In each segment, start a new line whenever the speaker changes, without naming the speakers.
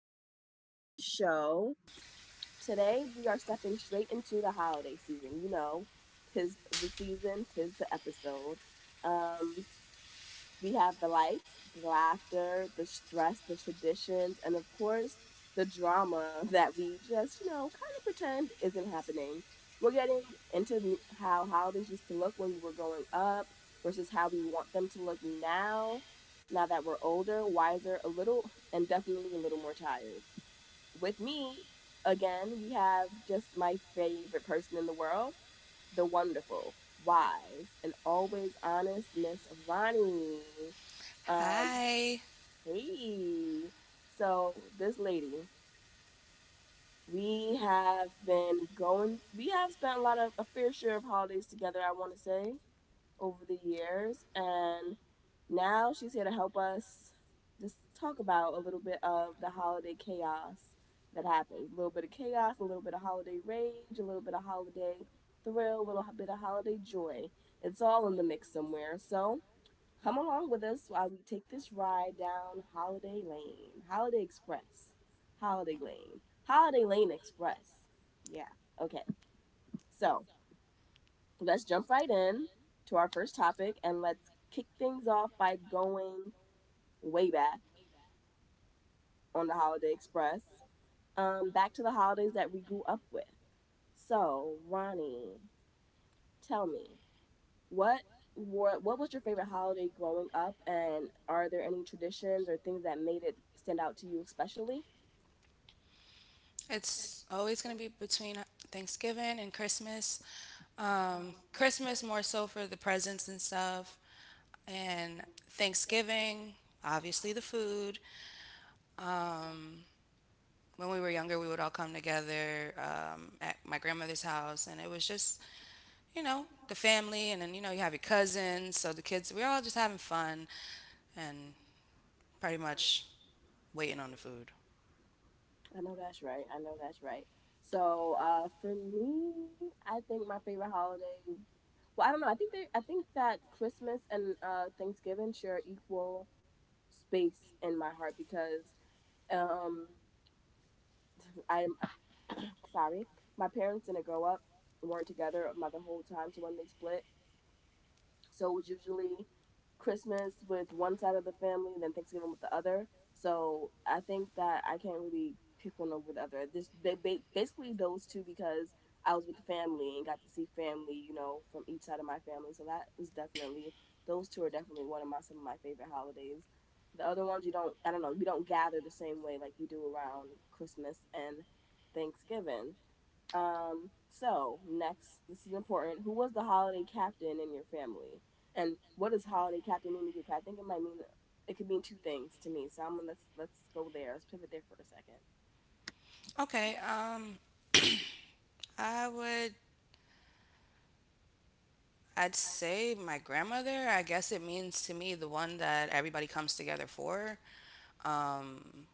Welcome back to the show. Today, we are stepping straight into the holiday season. You know, tis the season, tis the episode. Um, we have the lights, the laughter, the stress, the traditions, and of course, the drama that we just, you know, kind of pretend isn't happening. We're getting into how holidays used to look when we were growing up versus how we want them to look now, now that we're older, wiser, a little, and definitely a little more tired. With me, again, we have just my favorite person in the world, the wonderful, wise, and always honest Miss Ronnie. Um,
Hi.
Hey. So this lady, we have been going. We have spent a lot of a fair share of holidays together. I want to say over the years. And now she's here to help us just talk about a little bit of the holiday chaos that happens a little bit of chaos, a little bit of holiday rage, a little bit of holiday thrill, a little bit of holiday joy. It's all in the mix somewhere. So come along with us while we take this ride down Holiday Lane, Holiday Express, Holiday Lane, Holiday Lane Express. Yeah. Okay. So let's jump right in to our first topic, and let's kick things off by going way back on the Holiday Express, back to the holidays that we grew up with. So, Ronnie, tell me, what what was your favorite holiday growing up, and are there any traditions or things that made it stand out to you especially?
It's always going to be between Thanksgiving and Christmas. Christmas more so for the presents and stuff, and Thanksgiving, obviously the food. Um, when we were younger, we would all come together at my grandmother's house, and it was just, you know, the family, and then, you know, you have your cousins, so the kids, we're all just having fun and pretty much waiting on the food.
I know that's right. I know that's right. So, for me, I think my favorite holiday. Well, I don't know. I think they. I think that Christmas and Thanksgiving share equal space in my heart because um, I'm sorry, my parents didn't grow up, weren't together my the whole time. So when they split, so it was usually Christmas with one side of the family, and then Thanksgiving with the other. So I think that I can't really pick one over the other. This basically those two because I was with the family and got to see family, you know, from each side of my family. So that is definitely those two are definitely one of my some of my favorite holidays. The other ones you don't I don't know, we don't gather the same way like we do around Christmas and Thanksgiving. So next, this is important. Who was the holiday captain in your family? And what does holiday captain mean to you? 'Cause I think it might mean it could mean two things to me. So I'm gonna let's go there. Let's pivot there for a 2nd.
Okay, um, I would I'd say my grandmother. I guess it means to me the one that everybody comes together for, um,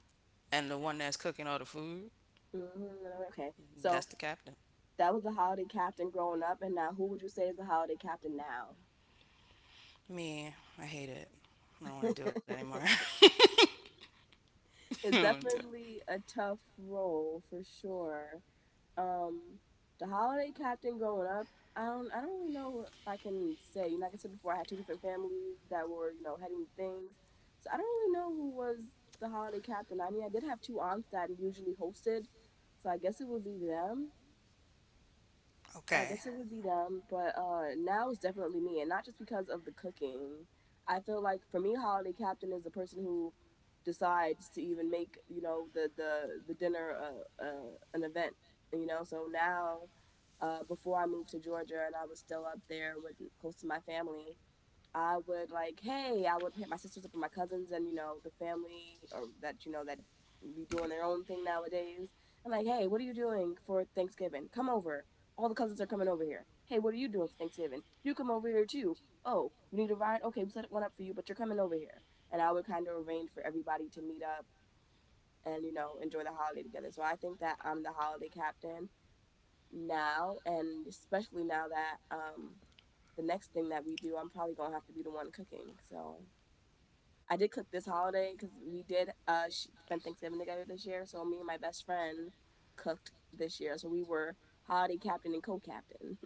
and the one that's cooking all the food.
Mm, okay, so
That's the captain.
that was the holiday captain growing up, and now who would you say is the holiday captain now?
Me, I hate it. I don't want to do it anymore. I don't
It's
want to do it.
definitely a tough role for sure. Um, the holiday captain growing up, I don't really know if I can say. You know, like I said before, I had two different families that were, you know, heading things, so I don't really know who was the holiday captain. I mean, I did have two aunts that usually hosted, so I guess it would be them. I
Okay.
guess it would be them, but now it's definitely me, and not just because of the cooking. I feel like for me, holiday captain is the person who decides to even make you know the dinner an event. You know, so now before I moved to Georgia and I was still up there with close to my family, I would like, hey, I would hit my sisters up and my cousins and you know the family or that you know that be doing their own thing nowadays. I'm like, hey, what are you doing for Thanksgiving? Come over. All the cousins are coming over here. Hey, what are you doing for Thanksgiving? You come over here too. Oh, you need a ride? Okay, we set one up for you, but you're coming over here. And I would kind of arrange for everybody to meet up and you know enjoy the holiday together. So I think that I'm the holiday captain now, and especially now that the next thing that we do, I'm probably gonna have to be the one cooking. So I did cook this holiday because we did spend Thanksgiving together this year. So me and my best friend cooked this year. So we were holiday captain and co-captain.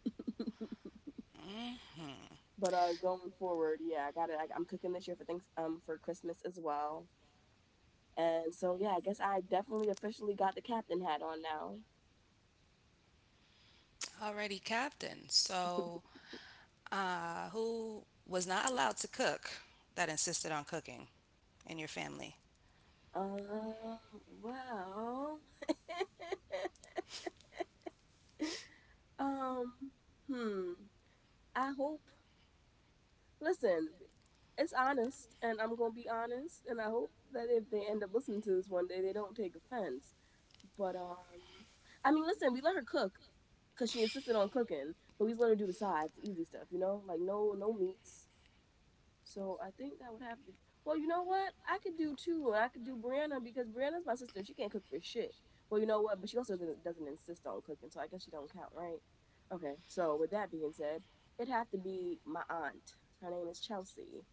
Mm-hmm.
But going forward, yeah, I got it. I'm cooking this year for thanks for Christmas as well. And so yeah, I guess I definitely officially got the captain hat on now.
Alrighty, captain. So, who was not allowed to cook that insisted on cooking in your family?
Um, well, um, hmm. I hope Listen, it's honest, and I'm gonna be honest, and I hope that if they end up listening to this one day, they don't take offense. But I mean, listen, we let her cook because she insisted on cooking, but we just let her do the sides, the easy stuff, you know, like no meats, so I think that would have to. Well, you know what? I could do two. I could do Brianna because Brianna's my sister and she can't cook for shit. Well, you know what? But she also doesn't insist on cooking, so I guess she don't count, right? Okay. So with that being said, it'd have to be my aunt. Her name is Chelsea,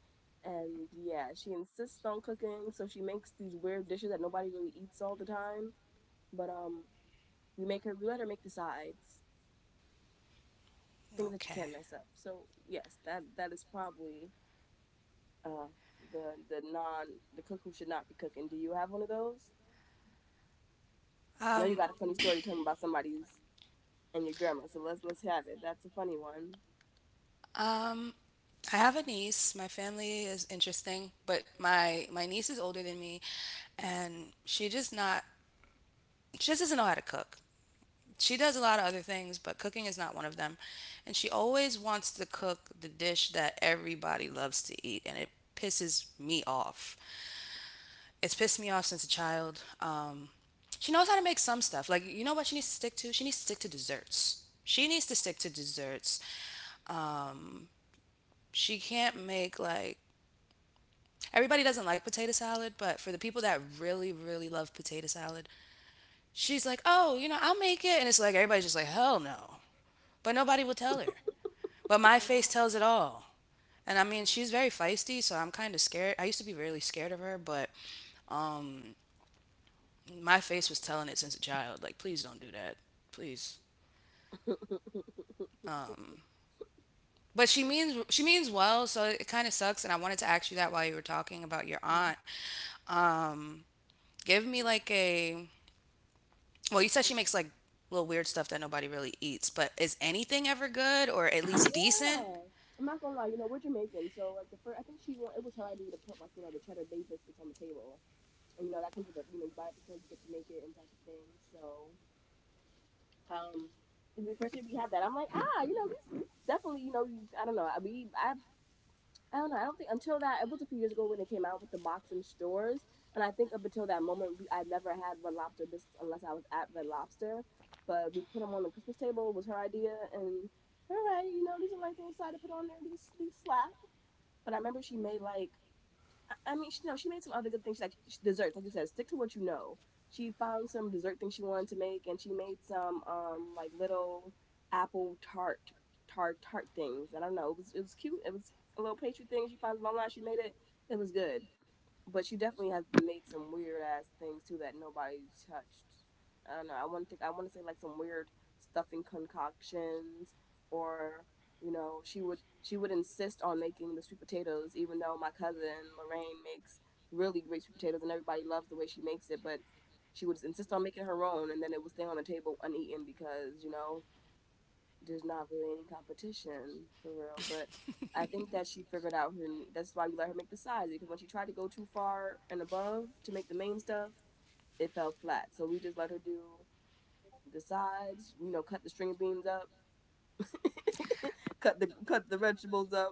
and yeah, she insists on cooking, so she makes these weird dishes that nobody really eats all the time. But we make her. We let her make the sides, things that you
Okay.
can't mess up. So yes, that is probably uh, the non the cook who should not be cooking. Do you have one of those? I know you got a funny story to tell me about somebody's and your grandma. So let's have it. That's a funny one.
Um, I have a niece. My family is interesting, but my niece is older than me, and she just doesn't know how to cook. She does a lot of other things, but cooking is not one of them. And she always wants to cook the dish that everybody loves to eat, and it pisses me off. It's pissed me off since a child. She knows how to make some stuff. Like, you know what she needs to stick to? She needs to stick to desserts. She needs to stick to desserts. Um, she can't make like— everybody doesn't like potato salad, but for the people that really, really love potato salad, she's like, oh, you know, I'll make it. And it's like, everybody's just like, hell no. But nobody will tell her. But my face tells it all. And I mean, she's very feisty, so I'm kind of scared. I used to be really scared of her, but um, my face was telling it since a child. Like, please don't do that. Please. Um, but she means well, so it kind of sucks. And I wanted to ask you that while you were talking about your
Mm-hmm.
aunt. Um, give me like a Well, you said she makes like little weird stuff that nobody really eats, but is anything ever good or at least
Yeah.
decent?
I'm not gonna lie, you know, we're Jamaican, so like the first, I think she want it was her idea to put like you know the cheddar bay biscuits on the table, and you know that comes with the you know you buy it at the store, you get to make it and type of thing. So, um, the first year we had that, I'm like, ah, you know, these definitely, you know, I don't know, I don't know. I don't think until that it was a few years ago when they came out with the box in stores, and I think up until that moment, we I never had Red Lobster biscuits unless I was at Red Lobster. But we put them on the Christmas table. It was her idea, and all right, you know, these are nice little side to put on there. These slap. But I remember she made like I mean, she, no, she made some other good things. She Like sh desserts, like you said, stick to what you know. She found some dessert thing she wanted to make, and she made some like little apple tart things. I don't know. It was cute. It was a little pastry thing she found online. She made it. It was good but she definitely has made some weird ass things too that nobody touched. I don't know. I want to think. I want to say like some weird stuffing concoctions, or you know, she would insist on making the sweet potatoes, even though my cousin Lorraine makes really great sweet potatoes and everybody loves the way she makes it, but she would insist on making her own, and then it would stay on the table uneaten because you know there's not really any competition for real. But I think that she figured out her. That's why we let her make the sides because when she tried to go too far and above to make the main stuff, it fell flat. So we just let her do the sides. You know, cut the string of beans up, cut the vegetables up,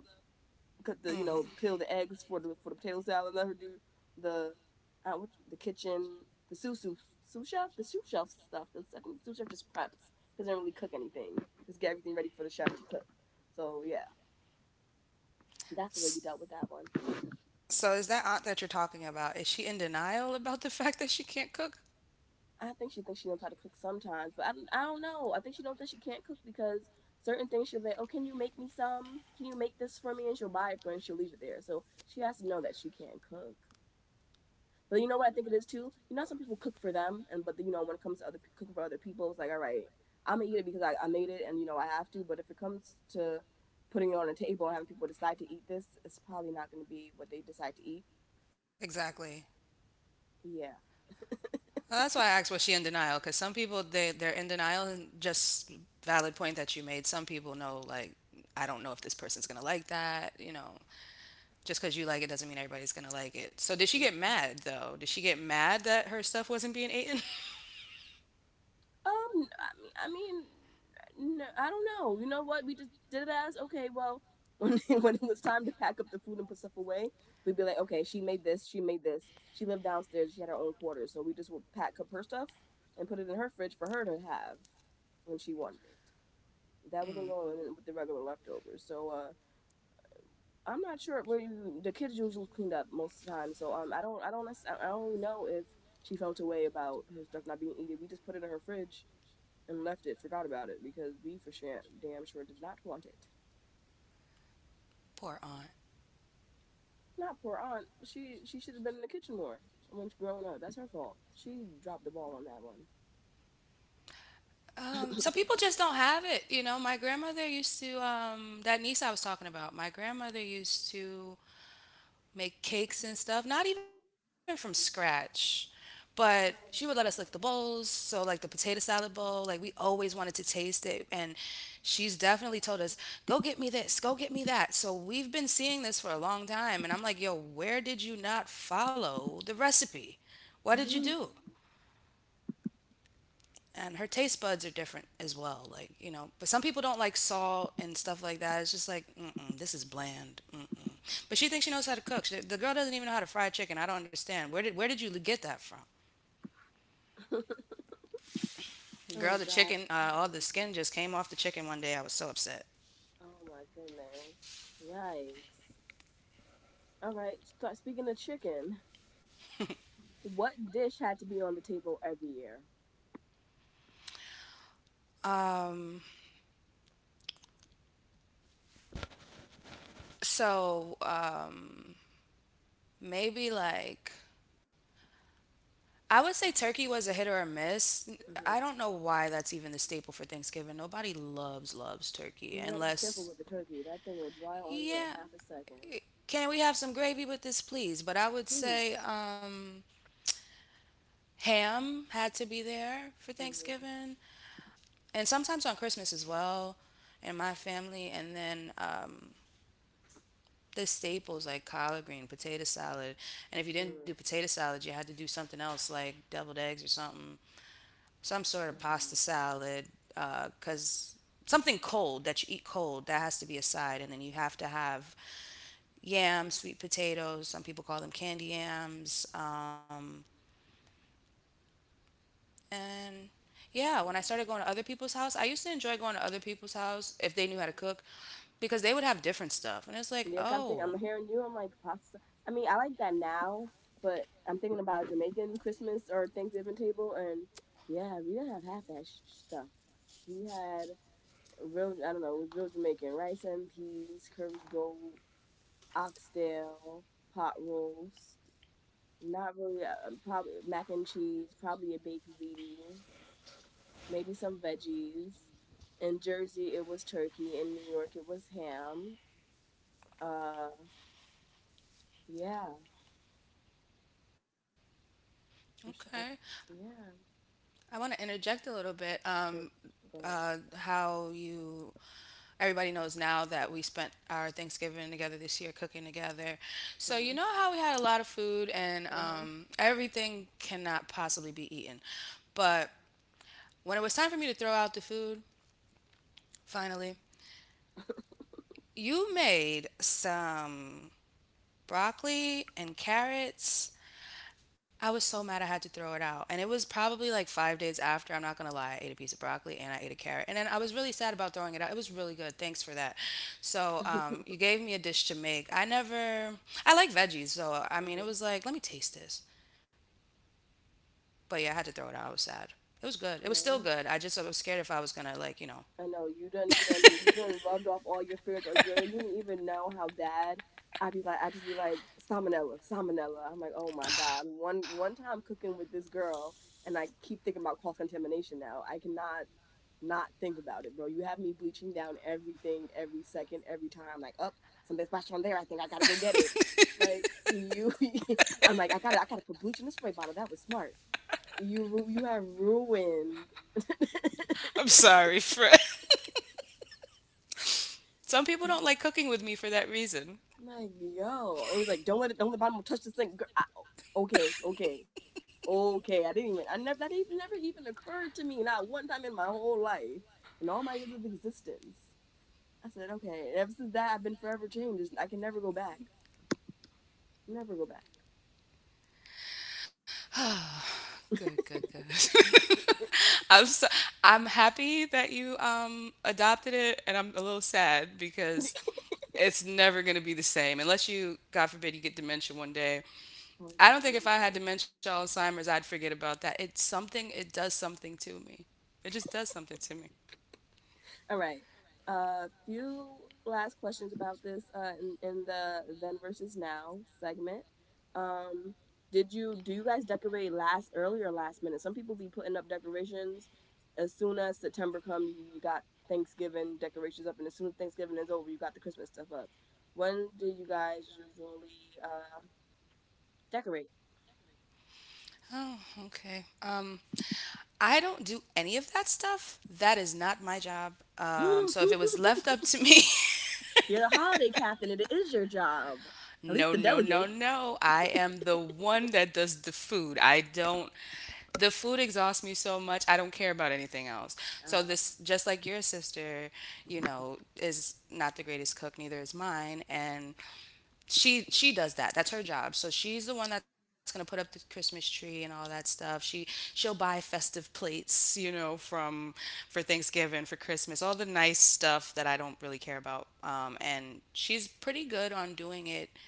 cut the you know
Mm-hmm.
peel the eggs for the potato salad. Let her do the the kitchen the sous chef the sous chef stuff because I think the sous chef just preps doesn't really cook anything just get everything ready for the chef to cook. So yeah, that's the way we
S-
dealt with that one.
So is that aunt that you're talking about? Is she in denial about the fact that she can't cook?
I think she thinks she knows how to cook sometimes, but I don't know. I think she knows that she can't cook because certain things she'll be like, oh, can you make me some? Can you make this for me? And she'll buy it for her and she'll leave it there. So she has to know that she can't cook. But you know what I think it is too. Some people cook for them, and but then, when it comes to other cooking for other people, it's like all right, I'm gonna eat it because I made it, and you know I have to. But if it comes to putting it on a table and having people decide to eat this, it's probably not gonna be what they decide to eat.
Exactly.
Yeah.
Well, that's why I asked, was she in denial? Because some people, they they're in denial and just— valid point that you made. Some people know, like, I don't know if this person's gonna like that. You know, just because you like it doesn't mean everybody's gonna like it. So did she get mad, though? Did she get mad that her stuff wasn't being eaten?
No, I don't know. You know what? We just did it as okay. Well, when when it was time to pack up the food and put stuff away, we'd be like, okay, she made this, she made this. She lived downstairs. She had her own quarters, so we just would pack up her stuff and put it in her fridge for her to have when she wanted it. That wasn't
mm,
going in with the regular leftovers. So I'm not sure where you, the kids usually cleaned up most of the time. So I don't really know if she felt a way about her stuff not being eaten. We just put it in her fridge and left it, forgot about it, because we for sure, damn sure did not want it.
poor aunt.
Not poor aunt. She should have been in the kitchen more when she growing up. That's her fault. She dropped the ball on that
So people just don't have it. You know, my grandmother used to that niece I was talking about, my grandmother used to make cakes and stuff, not even from scratch. But she would let us lick the bowls. So, like the potato salad bowl, like we always wanted to taste it. And she's definitely told us, go get me this, go get me that. So, we've been seeing this for a long time. And I'm like, yo, where did you not follow the recipe? What did you
one.
do? And her taste buds are different as well. Like, you know, but some people don't like salt and stuff like that. It's just like, mm-mm, this is bland. Mm-mm. But she thinks she knows how to cook. She, the girl doesn't even know how to fry chicken. I don't understand. Where did you get that from?
Oh
Girl, the
gosh,
chicken,
poor
all the
auntie.
skin just came off the chicken one day. I was so upset.
Oh my goodness. Yikes. All right. Start speaking of chicken. What dish had to be on the table every year?
Um, so maybe like I would say turkey was a hit or a miss. I
Hmm.
don't know why that's even the staple for Thanksgiving. Nobody loves turkey
You got to be
unless—
careful with the turkey. That thing will dry on you in
yeah,
half a second.
can we have some gravy with this, please? But I would say
Please.
ham had to be there for
Hmm.
Thanksgiving, and sometimes on Christmas as well, in my family. And then the staples like collard green, potato salad, and if you didn't do potato salad, you had to do something else, like deviled eggs or something, some sort of pasta
Mm-hmm.
salad, because something cold that you eat cold, that has to be a side. And then you have to have yams, sweet potatoes. Some people call them candy yams. And yeah, when I started going to other people's house, I used to enjoy going to other people's house if they knew how to cook, because they would have different stuff. And it's like,
Yeah, 'cause I'm thinking,
oh,
I'm hearing you. I'm like pasta. I mean, I like that now, but I'm thinking about a Jamaican Christmas or Thanksgiving table, and yeah, we didn't have half that stuff. We had real, I don't know, it was real Jamaican rice and peas, curry gold, oxtail, pot roast. Not really, probably mac and cheese, probably a baked ziti, maybe some veggies. In Jersey, it was turkey. In New York, it was ham. Uh, yeah, I'm
okay.
sure. Yeah,
I want to interject a little bit.
jerk. Go
Uh,
ahead.
how you, Everybody knows now that we spent our Thanksgiving together this year cooking together. So, you
Mhm.
know how we had a lot of food and
Mhm.
everything cannot possibly be eaten. But when it was time for me to throw out the food, finally, you made some broccoli and carrots. I was so mad I had to throw it out. And it was probably like 5 days after, I'm not gonna lie, I ate a piece of broccoli and I ate a carrot. And then I was really sad about throwing it out. It was really good. Thanks for that. So you gave me a dish to make. I never, I like veggies. So I mean, it
mhm.
was like, let me taste this. But yeah, I had to throw it out. I was sad. It was good. It was still
Oh,
good. I was scared if I was gonna, like, you know.
I know you done. You done. You done rubbed off all your fears. Like you didn't even know how bad. I'd be like, salmonella, salmonella. I'm like, oh my god. One time cooking with this girl, and I keep thinking about cross contamination now. I cannot not think about it, bro. You have me bleaching down everything every second, every time. Like, up, oh, something splashed on there. I think I gotta go get it. Like you, I'm like, I gotta put bleach in the spray bottle. That was smart. You have ruined.
I'm sorry, Fred. Some people
I'm
don't like cooking with me for that reason.
like, yo, I was like, don't let the bottom touch the sink. Girl, I, okay, okay, okay. I didn't even, I never, that even never even occurred to me. Not one time in my whole life, in all my years of existence. I said, okay. And ever since that, I've been forever changed. I can never go back. Never go back.
Good, good, good. I'm so, I'm happy that you adopted it, and I'm a little sad because it's never gonna be the same unless you, God forbid, you get dementia one day.
Oh my
I don't think if I
goodness.
had dementia, Alzheimer's, I'd forget about that. It's something. It does something to me. It just does something to me.
All right. A few last questions about this in the then versus now segment. Um, did you do you guys decorate last early or last minute? Some people be putting up decorations as soon as September come. You got Thanksgiving decorations up, and as soon as Thanksgiving is over, you got the Christmas stuff up. When do you guys usually decorate?
Oh, okay. I don't do any of that stuff. That is not my job. So if it was left up to me,
You're the holiday captain, and it is your job, at least
no,
to
no, no,
delegate.
no. I am the one that does the food. I don't The food exhausts me so much. I don't care about anything else. So
Uh,
this, just like your sister, you know, is not the greatest cook, neither is mine, and she does that. That's her job. So she's the one that's gonna put up the Christmas tree and all that stuff. She'll buy festive plates, you know, from for Thanksgiving, for Christmas, all the nice stuff that I don't really care about. And she's pretty good on doing it,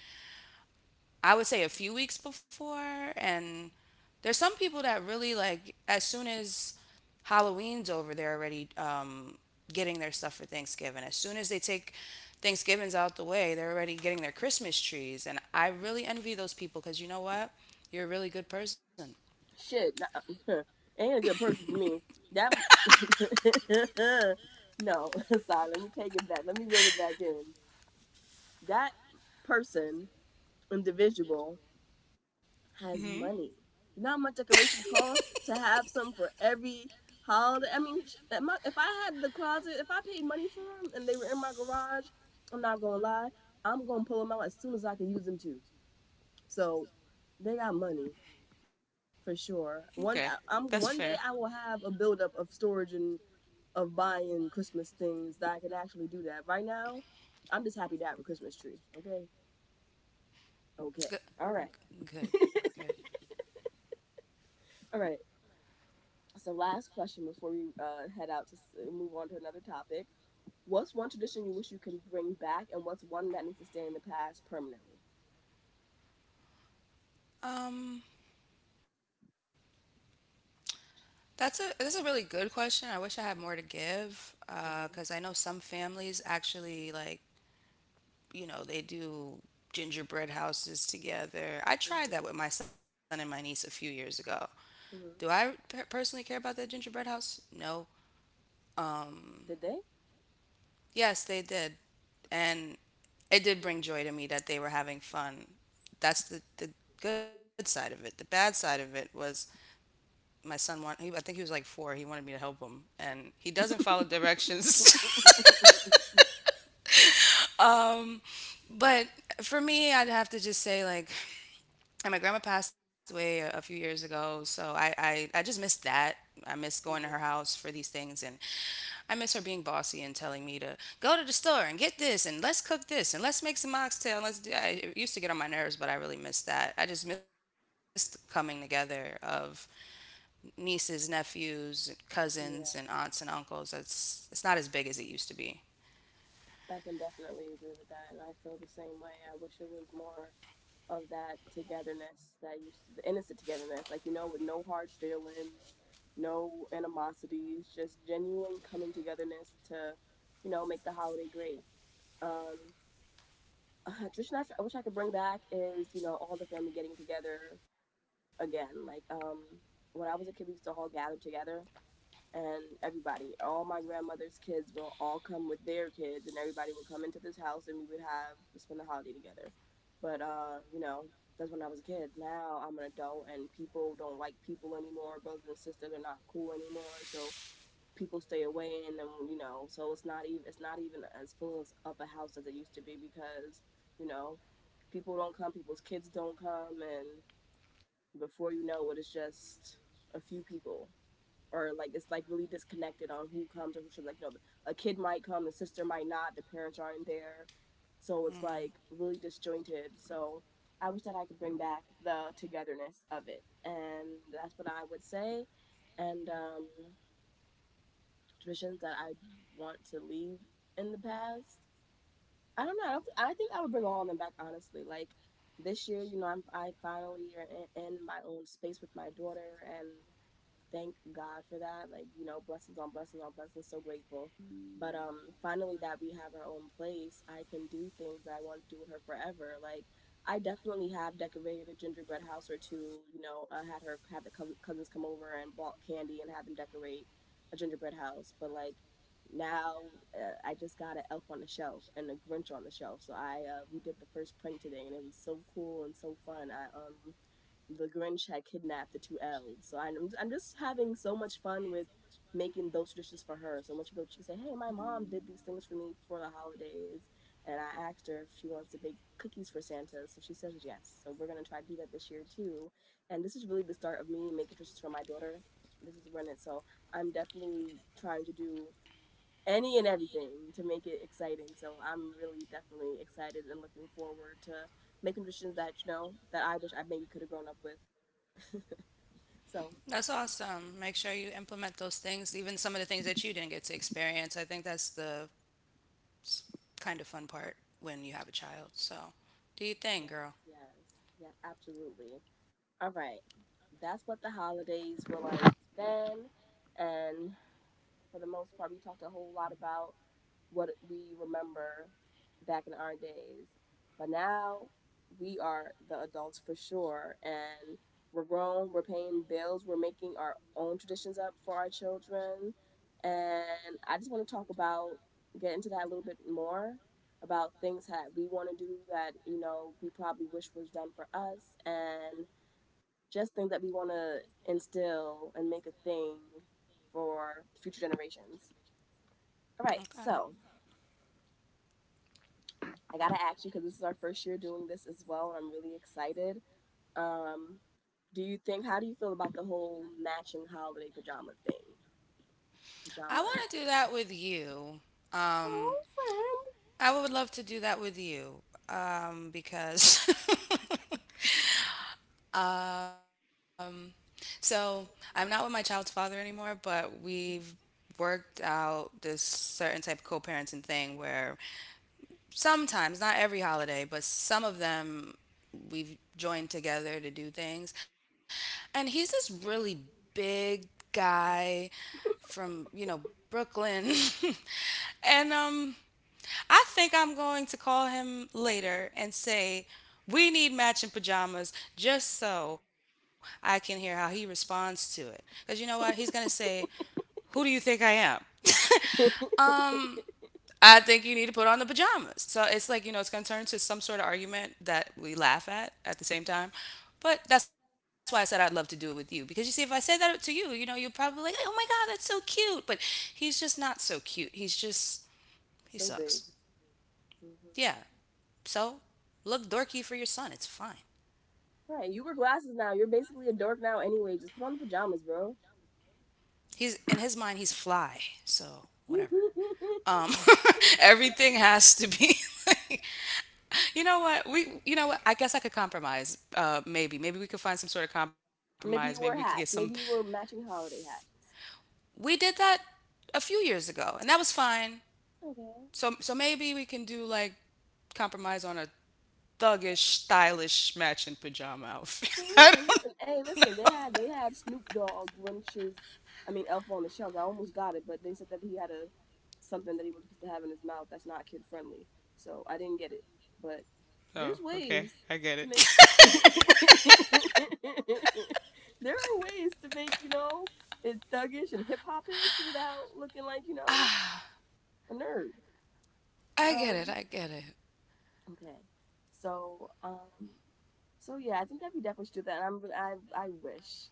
I would say, a few weeks before. And there's some people that really, like, as soon as Halloween's over, they're already getting their stuff for Thanksgiving. As soon as they take— Thanksgiving's out the way, they're already getting their Christmas trees. And I really envy those people because, you know what? You're a really good person.
Shit, nah, ain't a good person for me. That no, sorry. Let me take it back. Let me reel it back in. That person, individual, has
Hmm.
money. You know how much decorations cost to have some for every holiday. I mean, if I had the closet, if I paid money for them and they were in my garage, I'm not gonna lie. I'm gonna pull them out as soon as I can use them too. So they got money. For sure.
Okay. That's fair.
One day I will have a buildup of storage and of buying Christmas things that I can actually do that. Right now, I'm just happy to have a Christmas tree. Okay, okay,
Good,
all right,
good, good.
all right. So last question before we head out to move on to another topic. What's one tradition you wish you can bring back, and what's one that needs to stay in the past permanently?
Um, that's a that's a really good question. I wish I had more to give, because I
Mm-hmm.
know some families actually, like, you know, they do gingerbread houses together. I
Mm-hmm.
tried that with my son and my niece a few years ago. Do
Mm-hmm.
I personally care about that gingerbread house? No. Um,
Did they?
yes, they did. And it did bring joy to me that they were having fun. That's the good side of it. The bad side of it was my son want he, I think he was like 4. He wanted me to help him and he doesn't follow directions. But for me, I'd have to just say, like, and my grandma passed away a few years ago, so I just missed that. I miss going to her
Mm-hmm.
house for these things, and I miss her being bossy and telling me to go to the store and get this, and let's cook this, and let's make some oxtail. And let's do. It used to get on my nerves, but I really missed that. I just missed coming together of nieces, nephews, cousins, and
Yeah.
aunts and uncles. It's not as big as it used to be.
I can definitely agree with that, and I feel the same way. I wish it was more of that togetherness that used to, the innocent togetherness, like you know, with no hard feelings, no animosities, just genuine coming togetherness to, you know, make the holiday great. Um, tradition I wish I could bring back is you know all the family getting together again. Like when I was a kid, we used to all gather together and everybody, all my grandmother's kids will all come with their kids, and everybody would come into this house, and we would have spend the holiday together. But you know, that's when I was a kid. Now I'm an adult, and people don't like people anymore. Brothers and sisters are not cool anymore, so people stay away, and then you know, so it's not even as full of a house as it used to be because you know, people don't come, people's kids don't come, and before you know it, it's just a few people or like it's like really disconnected on who comes or who should like you know a kid might come the sister might not the parents aren't there so it's like really disjointed so I wish that I could bring back the togetherness of it and that's what I would say and traditions that I want to leave in the past I don't know I, don't, I think I would bring all of them back honestly like this year you know I finally are in my own space with my daughter and thank God for that. Like, you know, blessings on blessings on blessings, so grateful. But finally that we have our own place, I can do things that I want to do with her forever. Like I definitely have decorated a gingerbread house or two, you know, I had her had the cousins come over and bought candy and had them decorate a gingerbread house, but like now I just got an elf on the shelf and a Grinch on the shelf. So I we did the first prank today and it was so cool and so fun. I the Grinch had kidnapped the two elves. So I'm just having so much fun with making those traditions for her. So when she goes, she can say, "Hey, my mom did these things for me for the holidays," and I asked her if she wants to bake cookies for Santa. So she says yes. So we're gonna try to do that this year too. And this is really the start of me making traditions for my daughter. This is when it. So I'm definitely trying to do any and everything to make it exciting. So I'm really definitely excited and looking forward to making traditions that you know that I wish I maybe could have grown up with. So,
That's awesome. Make sure you implement those things, even some of the things that you didn't get to experience. I think that's the s- kind of fun part when you have a child. So, do your
yes,
thing, girl.
yes, yeah, absolutely. All right, that's what the holidays were like then, and for the most part, we talked a whole lot about what we remember back in our days. But now we are the adults for sure. And we're grown, we're paying bills, we're making our own traditions up for our children. And I just want to talk about, get into that a little bit more about things that we want to do that, you know, we probably wish was done for us. And just things that we want to instill and make a thing for future generations. All right,
Okay.
so I gotta ask you because this is our first year doing this as well, and I'm really excited. Um, do you think? How do you feel about the whole matching holiday pajama thing?
I want to
Pajamas,
do that with you. Um,
Oh, friend.
I would love to do that with you because. um, so I'm not with my child's father anymore, but we've
Mm-hmm.
worked out this certain type of co-parenting thing where sometimes, not every holiday, but some of them we've joined together to do things. And he's this really big guy from, you know, Brooklyn. and I think I'm going to call him later and say we need matching pajamas just so I can hear how he responds to it. Cuz you know what? He's going to say, "Who do you think I am?" um I think you need to put on the pajamas. So it's like, you know, it's going to turn to some sort of argument that we laugh at the same time. But that's why I said I'd love to do it with you. Because you see, if I said that to you, you know, you're probably like, oh my God, that's so cute. But he's just not so cute. He's just, he
So
sucks.
big.
Yeah.
Mm-hmm.
So look dorky for your son. It's fine.
Right, you wear glasses now. You're basically a dork now anyway. Just put on the pajamas, bro.
He's, in his mind, he's fly. So whatever. Um, everything has to be like, you know what I guess I could compromise maybe we could find some sort of compromise maybe we
Maybe
could
you
get
wear
some
hats. Maybe you wear matching holiday hats.
we did that a few years ago and that was fine
Okay.
so maybe we can do like compromise on a thuggish stylish matching pajama outfit
For
I
real. Listen,
don't
hey, listen, they had Snoop Dogg Grunches I mean Elf on the Shelves. I almost got it, but they said that he had a something that he was supposed to have in his mouth that's not kid friendly. So I didn't get it. But there's
know. Oh, okay,
ways
I get
to
it.
make there are ways to make, it thuggish and hip hopish without looking like, a nerd. Um
I get it.
okay. So so yeah, I think that we definitely should do that. And I'm really, I wish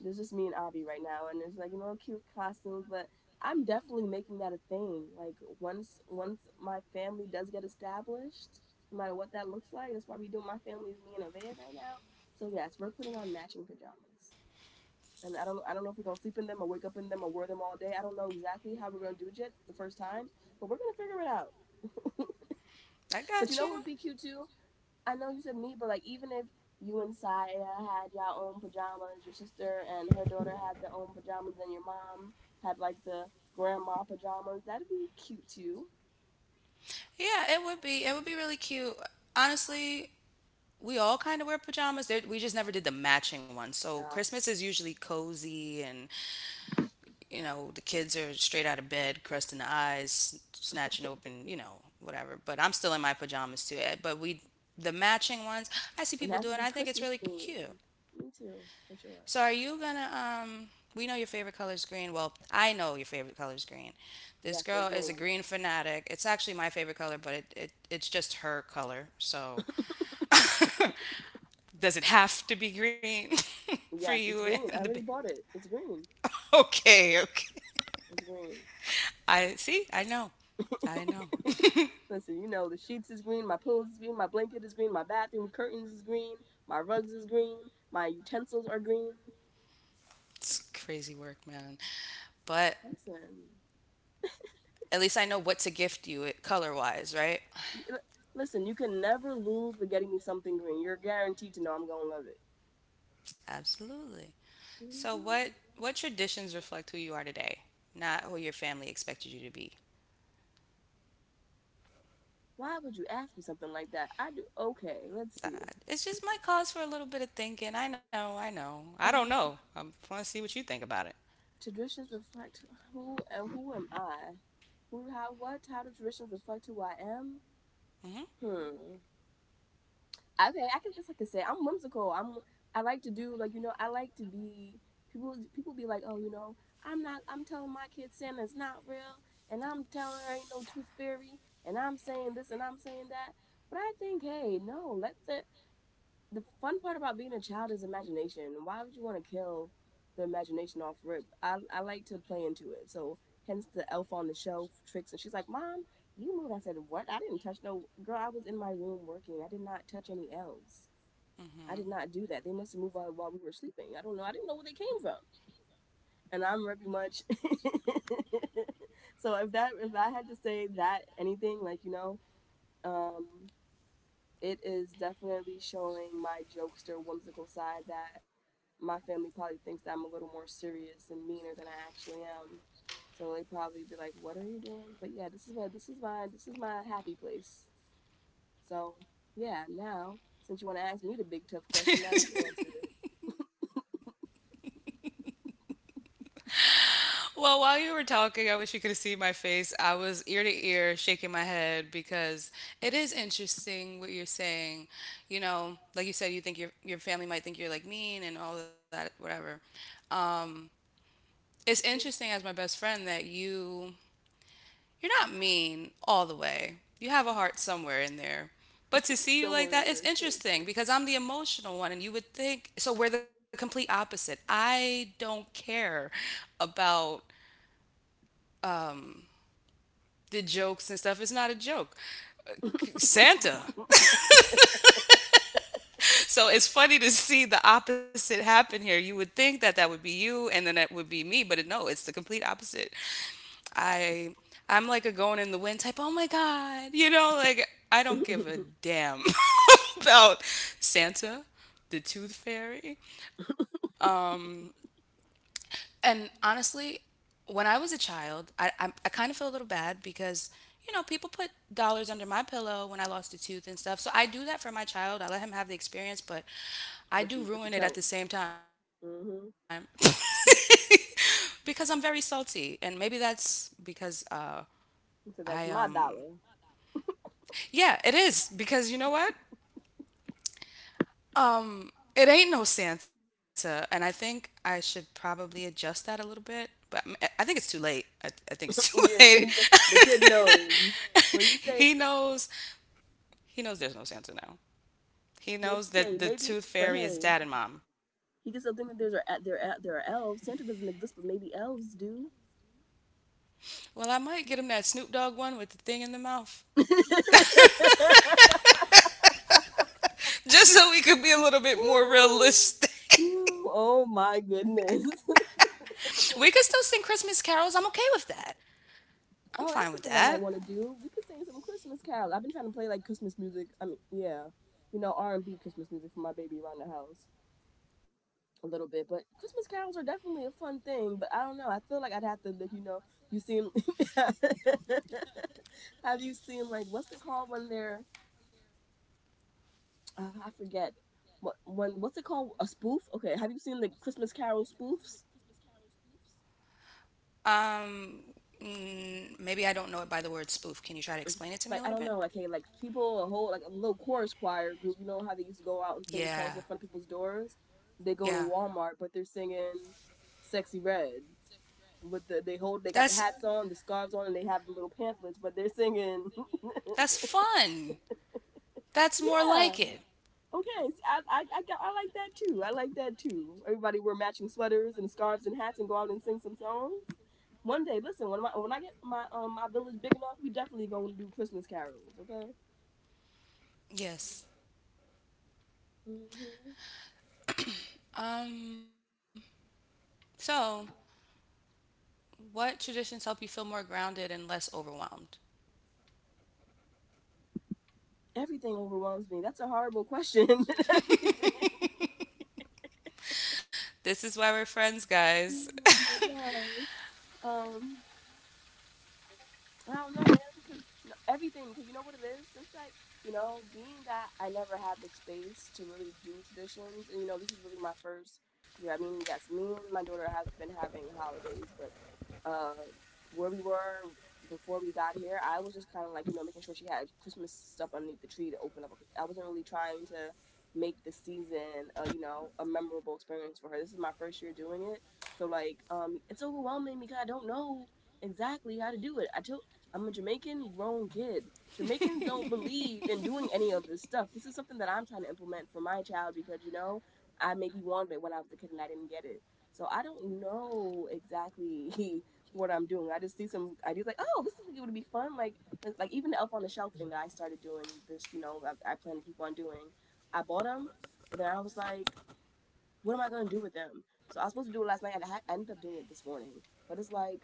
there's just me and Avi right now, and there's like cute costumes, but I'm definitely making that a thing. Like once my family does get established, no matter what that looks like, that's why we do my family is me and Avea right now. So yes, we're putting on matching pajamas. And I don't know if we're gonna sleep in them or wake up in them or wear them all day. I don't know exactly how we're gonna do it yet the first time, but we're gonna figure it out.
I
But you
got
know
you.
what would be cute too? I know you said me, but like even if you and Saya had your own pajamas, your sister and her daughter had their own pajamas, and your mom had like the grandma pajamas, that'd be cute too.
Yeah, it would be, it would be really cute, honestly. We all kind of wear pajamas. There, we just never did the matching ones. So
Uh,
Christmas is usually cozy, and you know the kids are straight out of bed, crust in the eyes, snatching open, you know, whatever. But I'm still in my pajamas too. Eh, but we, the matching ones, I see
It
people
has to
doing.
be
I think it's
Christmas
really cute.
themed. Me too, for
So
sure.
are you gonna? We know your favorite color is green. Well, I know your favorite color is green. This
Yes,
girl
they're
is a
green.
green fanatic. It's actually my favorite color, but it's just her color. So does it have to be green for
Yes,
you
it's green.
and
I
the baby?
already bought it. It's green.
Okay, okay.
It's green.
I see. I know. I know.
Listen, you know the sheets is green, my pillows is green, my blanket is green, my bathroom curtains is green, my rugs is green, my utensils are green.
It's crazy work, man. But
Listen,
at least I know what to gift you color wise, right?
listen, you can never lose with getting me something green. You're guaranteed to know I'm gonna love it.
Absolutely. So
Mhm.
what traditions reflect who you are today, not who your family expected you to be?
Why would you ask me something like that? I do. Okay, let's
Uh,
see.
it's just my cause for a little bit of thinking. I know. I know. I
Uh,
don't know. I want to see what you think about it.
traditions reflect who and who am I? Who, how, what? How do traditions reflect who I am?
Mm-hmm.
Hmm. I mean, I can that's like I can say I'm whimsical. I'm I like to do like I like to be people be like oh I'm not I'm telling my kids, Santa's not real, and I'm telling her ain't no tooth fairy, and I'm saying this and I'm saying that. But I think hey no let the fun part about being a child is imagination. Why would you want to kill the imagination off rip? I like to play into it. So hence the elf on the shelf tricks. And she's like, Mom, you move. I said, what? I didn't touch no girl. I was in my room working. I did not touch any elves. I did
Mm-hmm.
not do that. They must have moved while we were sleeping. I don't know. I didn't know where they came from. And I'm very much. So if that if I had to say that anything like um, it is definitely showing my jokester whimsical side, that my family probably thinks that I'm a little more serious and meaner than I actually am. So they probably be like, "What are you doing?" But yeah, this is my this is my happy place. So yeah, now since you want to ask me the big tough question, now you answer it.
Well, while you were talking, I wish you could have seen my face. I was ear to ear shaking my head because it is interesting what you're saying. You know, like you said, you think your family might think you're like mean and all that, whatever. Um, it's interesting as my best friend that you're not mean all the way. You have a heart somewhere in there. But to see you like
Somewhere
that,
in
it's
there is crazy.
interesting because I'm the emotional one, and you would think so. We're the complete opposite. I don't care about the jokes and stuff. It's not a joke. Santa. So it's funny to see the opposite happen here. You would think that that would be you and then that would be me, but no, it's the complete opposite. I I'm like a going in the wind type. Oh my god. You know, like I don't give a damn about Santa, the tooth fairy, um and honestly, when I was a child, I kind of feel a little bad because, you know, people put dollars under my pillow when I lost a tooth and stuff. So I do that for my child. I let him have the experience,
But
but
you but you tell
I do ruin it
him.
at the same
Mm-hmm.
time because I'm very salty. And maybe that's because
So that's my
I,
dollar.
um, yeah, it is because you know what? It ain't no Santa, and I think I should probably adjust that a little bit. But I think it's too late. I think it's too
Yeah,
late.
the kid knows. Well, you say,
He knows. He knows there's no Santa now. He
well,
knows
okay,
that the
maybe,
Tooth
but
Fairy
hey,
is dad and mom.
he gets to think that there's a, there are elves. Santa doesn't exist, but maybe elves do.
Well, I might get him that Snoop Dogg one with the thing in the mouth, just so we could be a little bit more realistic.
Oh my goodness.
We could still sing Christmas carols. I'm okay with that. I'm fine with
Oh,
that.
that's something I might want to do. We could sing some Christmas carols. I've been trying to play like Christmas music. I mean, yeah, you know R and B Christmas music for my baby around the house a little bit. But Christmas carols are definitely a fun thing. But I don't know. I feel like I'd have to, like, you know, you seen. Have you seen like what's it called when they're? I forget. What when? What's it called? A spoof? Okay. Have you seen the Christmas Carol spoofs?
Um, maybe I don't know it by the word spoof. Can you try to explain it to me a little bit?
Like I don't know, like hey, like people a whole like a little chorus choir group. You know how they used to go out and sing
Yeah,
songs in front of people's doors? They go to
yeah.
Walmart, but they're singing "Sexy Red" with the they hold
That's
they got the hats on, the scarves on, and they have the little pamphlets, but they're singing.
that's fun. That's more like
Yeah,
it.
okay, I like that too. I like that too. Everybody wear matching sweaters and scarves and hats and go out and sing some songs. One day, listen, when my when I get my my village big enough, we definitely gonna do Christmas carols. Okay.
Yes.
Hmm.
Um. So, what traditions help you feel more grounded and less overwhelmed?
Everything overwhelms me. That's a horrible question. Everything.
This is why we're friends, guys.
Oh my gosh. Um, I don't know, man, because you know, everything, because you know what it is? Since, like, you know, being that I never had the space to really do traditions, and, you know, this is really my first year. I mean, yes, me and my daughter have been having holidays, but uh, where we were before we got here, I was just kind of like, you know, making sure she had Christmas stuff underneath the tree to open up. I wasn't really trying to make the season, you know, a memorable experience for her. This is my first year doing it. So, like, it's overwhelming because I don't know exactly how to do it. I told I'm a Jamaican grown kid. Jamaicans don't believe in doing any of this stuff. This is something that I'm trying to implement for my child because, you know, I maybe wanted it when I was a kid and I didn't get it. So I don't know exactly what I'm doing. I just see some ideas like, oh, this is like it would be fun. Like, even the Elf on the Shelf thing that I started doing this, you know, I plan to keep on doing. I bought them, but then I was like, what am I going to do with them? So I was supposed to do it last night and I ended up doing it this morning. But it's like,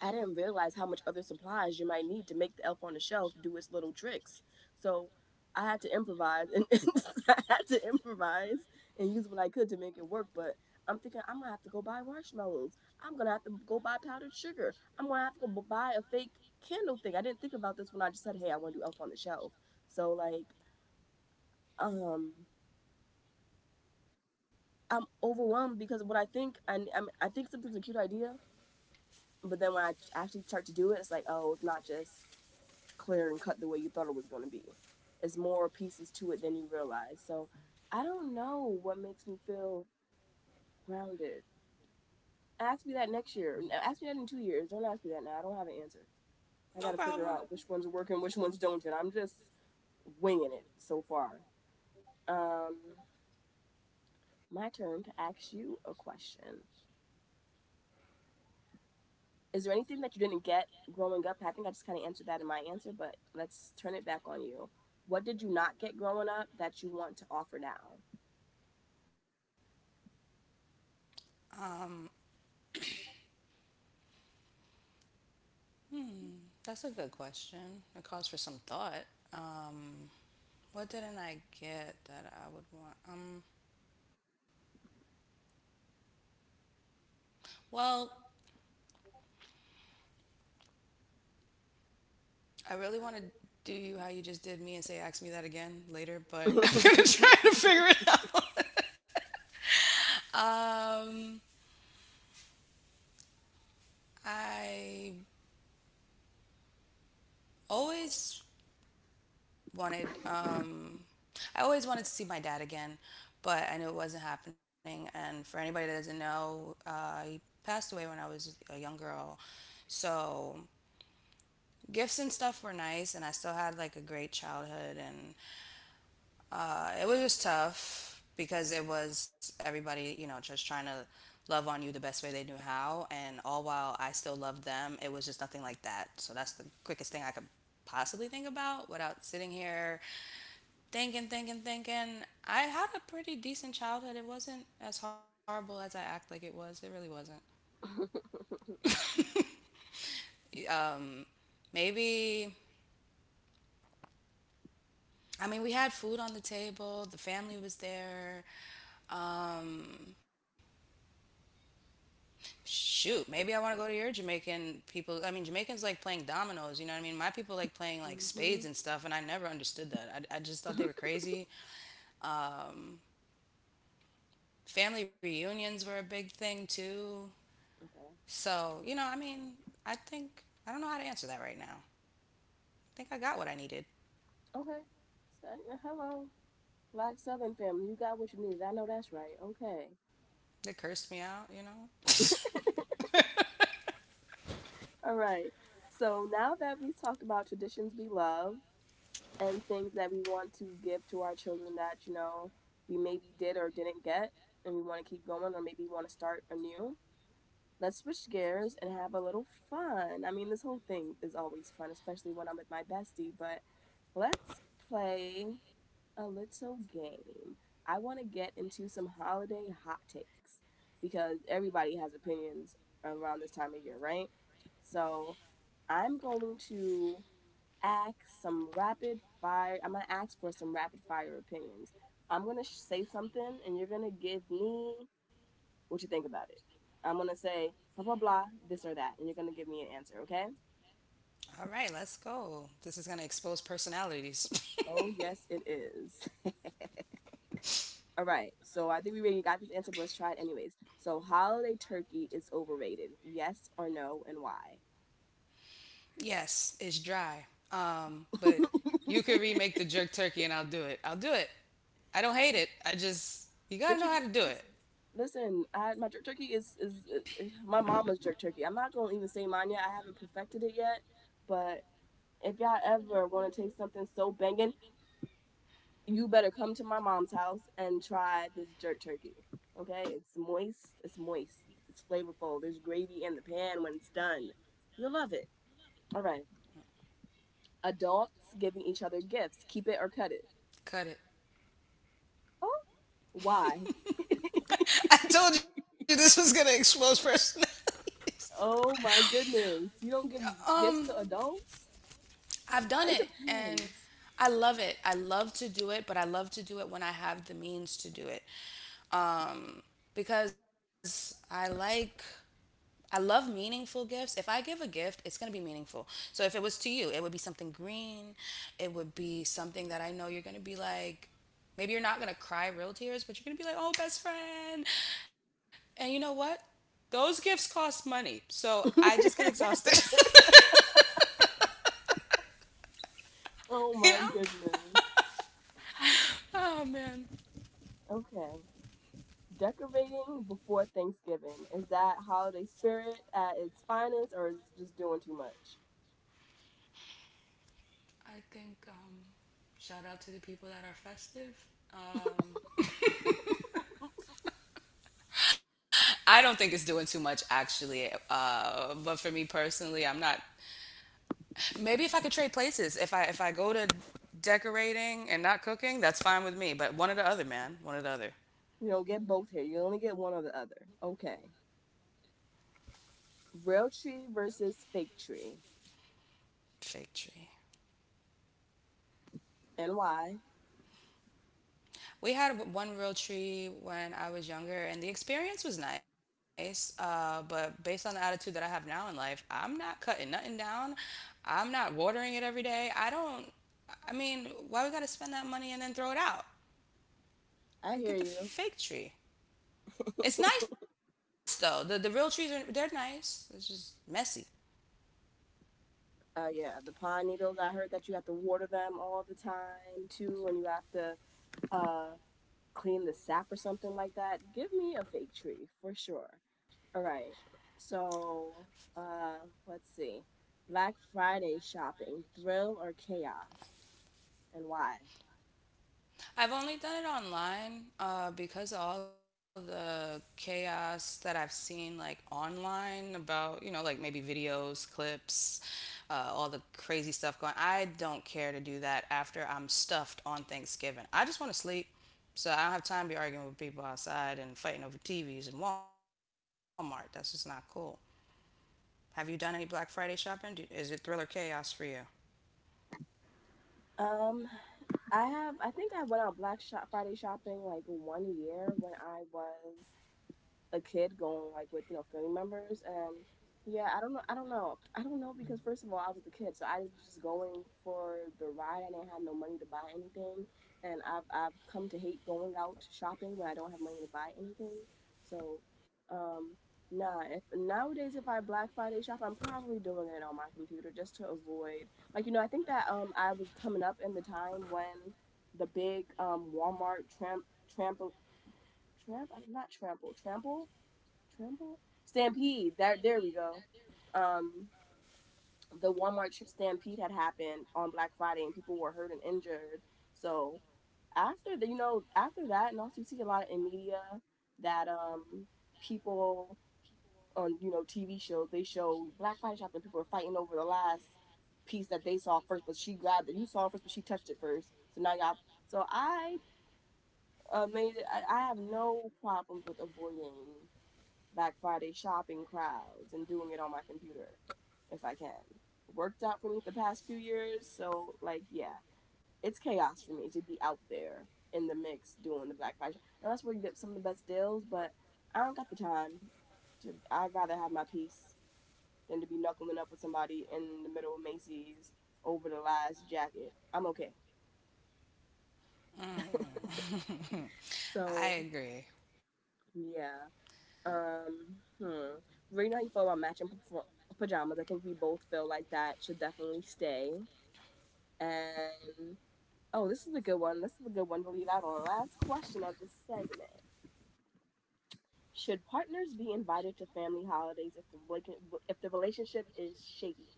I didn't realize how much other supplies you might need to make the elf on the shelf do its little tricks. So I had to improvise and I had to improvise and use what I could to make it work. But I'm thinking I'm gonna have to go buy marshmallows. I'm gonna have to go buy powdered sugar. I'm gonna have to go buy a fake candle thing. I didn't think about this when I just said, hey, I want to do elf on the shelf. So like, um, I'm overwhelmed because what I think, and mean, I think something's a cute idea, but then when I actually start to do it, it's like, oh, it's not just clear and cut the way you thought it was going to be. It's more pieces to it than you realize. So I don't know what makes me feel grounded. Ask me that next year. No, ask me that in 2 years. Don't ask me that now. I don't have an answer. I got
No
to figure
problem.
out which ones work and which ones don't yet. I'm just winging it so far. Um, my turn to ask you a question. Is there anything that you didn't get growing up? I think I just kind of answered that in my answer, but let's turn it back on you. What did you not get growing up that you want to offer now?
Um. Hmm. That's a good question. It calls for some thought. Um. What didn't I get that I would want? Well, I really want to do you how you just did me and say ask me that again later, but I'm gonna try to figure it out. Um, I always wanted um, I always wanted to see my dad again, but I knew it wasn't happening. And for anybody that doesn't know, he passed away when I was a young girl. So gifts and stuff were nice, and I still had like a great childhood and it was just tough because it was everybody, you know, just trying to love on you the best way they knew how. And all while I still loved them, it was just nothing like that. So that's the quickest thing I could possibly think about without sitting here thinking. I had a pretty decent childhood. It wasn't as horrible as I act like it was. It really wasn't. Maybe, I mean, we had food on the table, the family was there. Um, Shoot, maybe I want to go to your Jamaican people. I mean, Jamaicans like playing dominoes, you know what I mean? My people like playing like spades and
Mm-hmm.
stuff, and I never understood that. I just thought they were crazy. Um, Family reunions were a big thing too.
Okay.
So, you know, I mean, I think, I don't know how to answer that right now. I think I got what I needed.
Okay. So, hello, Black Southern family. You got what you needed. I know that's right. Okay.
They cursed me out, you know?
All right. So now that we talked about traditions we love and things that we want to give to our children that, you know, we maybe did or didn't get and we want to keep going or maybe want to start anew, let's switch gears and have a little fun. I mean, this whole thing is always fun, especially when I'm with my bestie, but let's play a little game. I want to get into some holiday hot takes because everybody has opinions around this time of year, right? So I'm going to ask some rapid fire. I'm going to ask for some rapid fire opinions. I'm going to say something and you're going to give me what you think about it. I'm going to say blah, blah, blah, this or that, and you're going to give me an answer, okay?
All right, let's go. This is going to expose personalities.
Oh, yes, it is. All right, so I think we already got this answer, but let's try it anyways. So, holiday turkey is overrated. Yes or no, and why?
Yes, it's dry. But you could remake the jerk turkey and I'll do it. I'll do it. I don't hate it. I just
Jerk
you
turkey.
gotta know how to do it.
Listen, I, my jerk turkey is my mama's jerk turkey. I'm not gonna even say mine yet. I haven't perfected it yet, but if y'all ever want to taste something so banging, you better come to my mom's house and try this jerk turkey. Okay? It's moist. It's moist. It's flavorful. There's gravy in the pan when it's done. You'll love it. All right. Adults giving each other gifts. Keep it or cut it.
Cut it.
Oh, why?
I told you this was gonna expose personalities.
Oh my goodness. You don't give gifts
Um,
to adults?
I've done
It
it and
depends.
I love it. I love to do it, but I love to do it when I have the means to do it. Um, because I love meaningful gifts. If I give a gift, it's going to be meaningful. So if it was to you, it would be something green. It would be something that I know you're going to be like, maybe you're not going to cry real tears, but you're going to be like, oh, best friend. And you know what? Those gifts cost money. So I just get exhausted,
oh my
you know?
goodness.
Oh, man.
okay. Decorating before Thanksgiving. Is that holiday spirit at its finest or is it just doing too much?
I think, shout out to the people that are festive. Um, I don't think it's doing too much, actually. But for me personally, I'm not. Maybe if I could trade places, if I go to decorating and not cooking, that's fine with me. But one or the other, man, one or the other.
You don't get both here. You only get one or the other. Okay. Real tree versus fake tree.
Fake tree.
And why?
We had one real tree when I was younger, and the experience was nice. But based on the attitude that I have now in life, I'm not cutting nothing down. I'm not watering it every day. I don't. I mean, why we gotta spend that money and then throw it out?
I
We
hear
get the
you.
fake tree. It's nice though. The real trees are they're nice. It's just messy.
Yeah, the pine needles. I heard that you have to water them all the time too, and you have to uh clean the sap or something like that. Give me a fake tree for sure. All right. So let's see. Black Friday shopping, thrill or chaos, and why?
I've only done it online because of all the chaos that I've seen, like online about, you know, like maybe videos, clips, all the crazy stuff going. I don't care to do that after I'm stuffed on Thanksgiving. I just want to sleep, so I don't have time to be arguing with people outside and fighting over TVs and Walmart. That's just not cool. Have you done any Black Friday shopping? Do, is it thrill or chaos for you?
Um, I have I think I went on Black Shop Friday shopping like 1 year when I was a kid going like with you know family members and yeah, I don't know, because first of all I was a kid, so I was just going for the ride. I didn't have no money to buy anything, and I've come to hate going out shopping when I don't have money to buy anything. so um nah, if nowadays if I Black Friday shop, I'm probably doing it on my computer just to avoid, like, you know. I think that I was coming up in the time when the big Walmart tramp trample tramp not trample trample Trimble? stampede. There we go. Um, the Walmart stampede had happened on Black Friday, and people were hurt and injured. So after, after that, and also you see a lot in media that people on, you know, TV shows, they show Black Friday shopping. People are fighting over the last piece that they saw first, but she grabbed it. You saw it first, but she touched it first. So now y'all. So I made it. I have no problems with avoiding Black Friday shopping crowds and doing it on my computer if I can. It worked out for me the past few years, so like, yeah, it's chaos for me to be out there in the mix doing the Black Friday. Now that's where you get some of the best deals, but I don't got the time to. I'd rather have my peace than to be knuckling up with somebody in the middle of Macy's over the last jacket. I'm okay.
Mm. I
So
agree.
yeah. Um, hmm. Right now, you feel about matching pajamas. I think we both feel like that should definitely stay. And oh, this is a good one. This is a good one to lead out on. Last question of this segment: should partners be invited to family holidays if the relationship is shaky?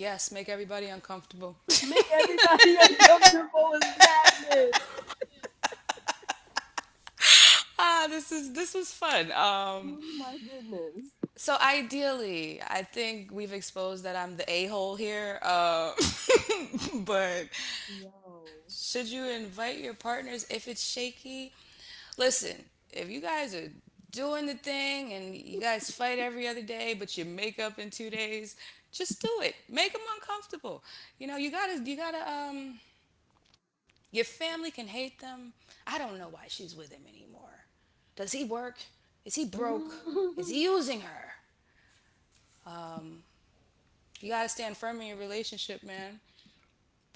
Yes, make everybody uncomfortable.
Make everybody uncomfortable is madness.
Ah, this is this was fun.
Oh my goodness,
So ideally, I think we've exposed that I'm the a hole here. But should
yo.
you invite your partners if it's shaky? Listen, if you guys are doing the thing and you guys fight every other day, but you make up in 2 days, just do it. Make them uncomfortable. You know, you gotta your family can hate them. I don't know why she's with him anymore. Does he work? Is he broke? Is he using her? You gotta stand firm in your relationship, man.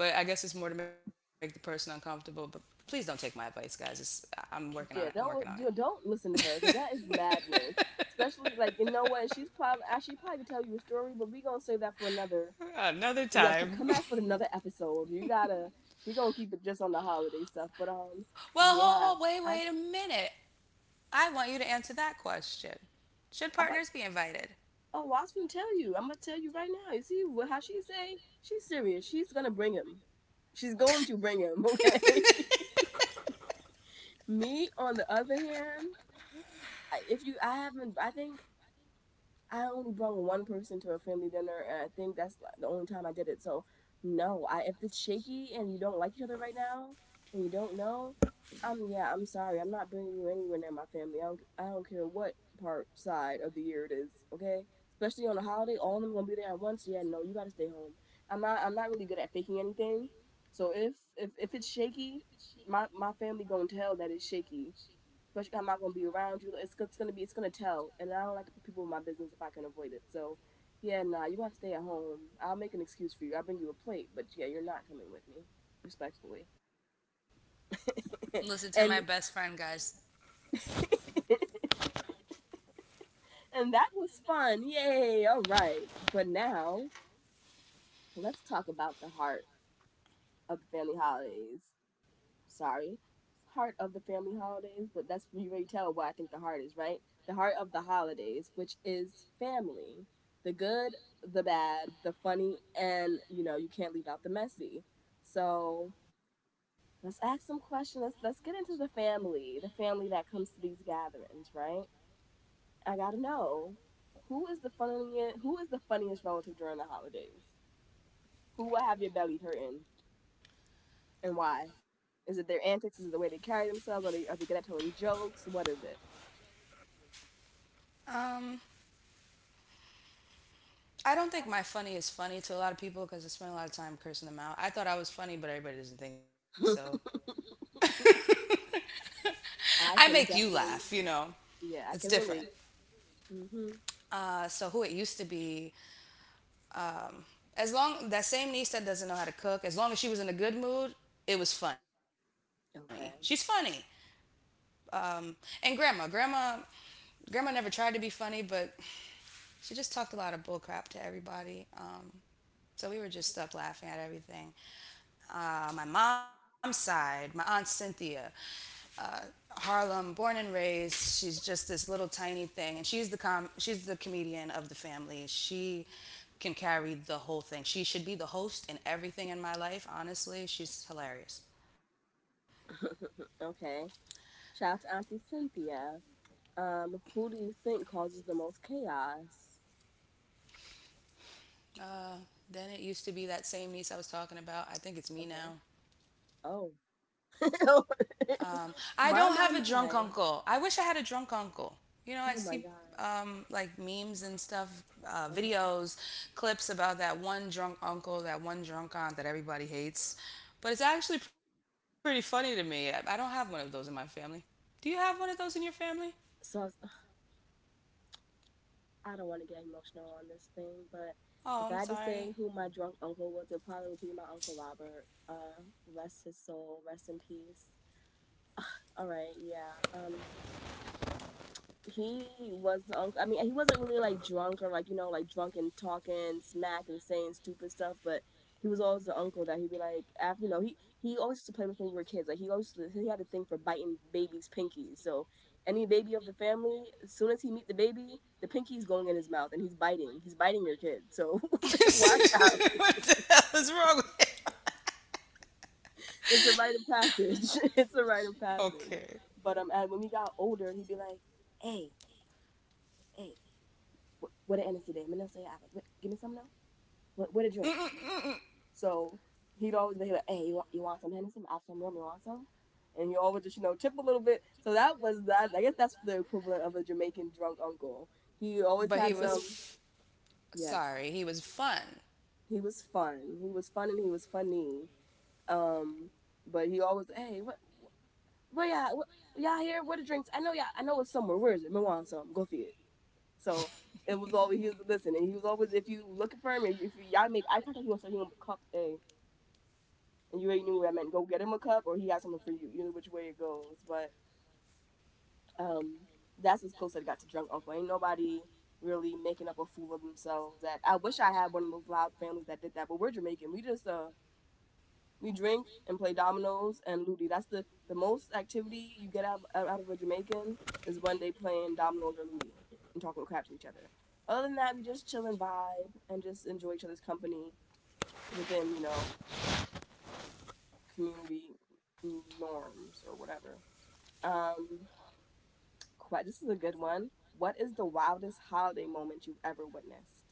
But I guess it's more to make the person uncomfortable. But please don't take my advice, guys. I'm working on it. I'm working
Yeah,
on it.
don't do don't listen to her because that is madness. Especially, like, you know what, she's probably actually probably could tell you a story, but we gonna save that for another.
Another
You got to come
time.
back for another episode. You gotta we gonna keep it just on the holiday stuff. But
Well, wait,
yeah,
wait a
I
minute. I want you to answer that question. Should
I about
partners be invited?
oh well, I was gonna tell you. I'm gonna tell you right now. You see what how she say? She's serious. She's gonna bring him. She's going to bring him. Okay. Me on the other hand, if you I haven't I think I only brought one person to a family dinner, and I think that's, like, the only time I did it. So no, I if it's shaky and you don't like each other right now and you don't know, yeah, I'm sorry, I'm not bringing you anywhere near my family. I don't care what part side of the year it is, okay? Especially on a holiday, all of them gonna be there at once. Yeah, no, you gotta stay home. I'm not really good at faking anything. So if it's shaky, my family gonna tell that it's shaky, especially I'm not gonna be around you. It's gonna be it's gonna tell, and I don't like to put people in my business if I can avoid it. So yeah, nah, you have to stay at home. I'll make an excuse for you. I'll bring you a plate, but yeah, you're not coming with me, respectfully.
Listen to my best
and
friend, guys.
and that was fun. Yay! All right, but now let's talk about the heart of the family holidays. Sorry, heart of the family holidays, but that's you already tell what I think the heart is, right? The heart of the holidays, which is family. The good, the bad, the funny, and you know, you can't leave out the messy. So let's ask some questions. Let's get into the family that comes to these gatherings, right? I gotta know who is the funniest relative during the holidays? Who will have your belly hurting and why? Is it their antics? Is it the way they carry themselves? Are they good at telling jokes? What is it?
Um, I don't think my funny is funny to a lot of people because I spend a lot of time cursing them out. I thought I was funny, but everybody doesn't think so.
I
I
can
make you
definitely,
laugh, you know.
yeah, I
It's
can
different.
relate. Hmm.
So who it used to be, as long that same niece that doesn't know how to cook, as long as she was in a good mood, it was funny. She's funny.
Okay,
Um, and grandma never tried to be funny, but she just talked a lot of bull crap to everybody. So we were just stuck laughing at everything. My mom's side, my aunt Cynthia, uh, Harlem, born and raised. She's just this little tiny thing, and she's she's the comedian of the family. She can carry the whole thing. She should be the host in everything in my life. Honestly, she's hilarious.
okay. Shout out to Auntie Cynthia. Who do you think causes the most chaos?
Uh, then it used to be that same niece I was talking about. I think it's me
Okay.
now.
Oh.
I don't have a drunk
my my
uncle.
my.
I wish I had a drunk uncle. You know, I see
Oh my gosh.
like memes and stuff,
Uh huh.
videos, clips about that one drunk uncle, that one drunk aunt that everybody hates. But it's actually pretty funny to me. I don't have one of those in my family. Do you have one of those in your family?
So I don't want to get emotional on this thing, but
Oh,
if I
I'm
had to
sorry.
say who my drunk uncle was, it probably would be my uncle Robert. Rest his soul, rest in peace. All right, yeah. He was the uncle. I mean, he wasn't really like drunk or like, you know, like drunk and talking smack and saying stupid stuff, but he was always the uncle that he'd be like after, you know, he always used to play with us when we were kids. Like he always used to, he had a thing for biting babies' pinkies. So any baby of the family, as soon as he meet the baby, the pinky's going in his mouth and he's biting. He's biting your kid. So watch out.
What the hell is wrong with it?
It's a rite of passage. it's a rite of
Okay.
passage. But and when we got older, he'd be like, "Hey, hey, what an innocent day. Minna say, I like, give me some now. What a drink." So he'd always be like, hey, you want some Hennessy? I have some rum. You want some? And he always just, you know, tip a little bit. So that was that. I guess that's the equivalent of a Jamaican drunk uncle. He
But
always had some. Yes,
sorry, he was fun.
he was fun. He was fun and he was funny. Um, but he always, hey, what, yeah, what, y'all here? Where the drinks? I know, y'all. I know it's somewhere. Where is it? Me want some. Go for it. So it was always he was listening. He was always if you looking for him, if you, y'all make eye contact, he gonna show you a cup a, and you already knew what I meant. Go get him a cup, or he has something for you. Either which way it goes, but um, that's as close as I got to drunk uncle. Ain't nobody really making up a fool of themselves. That I wish I had one of those loud families that did that, but we're Jamaican. We drink and play dominoes and ludi. That's the most activity you get out of a Jamaican is when they playing dominoes or ludi and talking crap to each other. Other than that, we just chill and vibe and just enjoy each other's company within, you know, community norms or whatever. Um, this is a good one. What is the wildest holiday moment you have ever witnessed?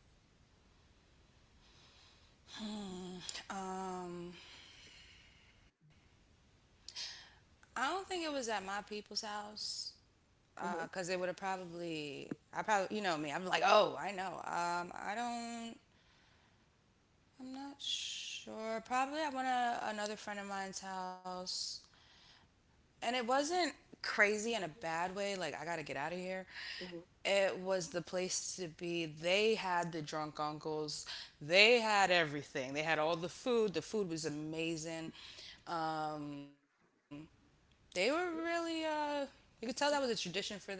Hmm. um, I don't think it was at my people's house
Mm-hmm,
because it would have probably. I probably, you know me. I'm like, oh, I know. I don't. I'm not sure. Probably I went to another friend of mine's house, and it wasn't crazy in a bad way. Like I gotta get out of here.
mm-hmm,
It was the place to be. They had the drunk uncles. They had everything. They had all the food. The food was amazing. Um, they were really you could tell that was a tradition for them,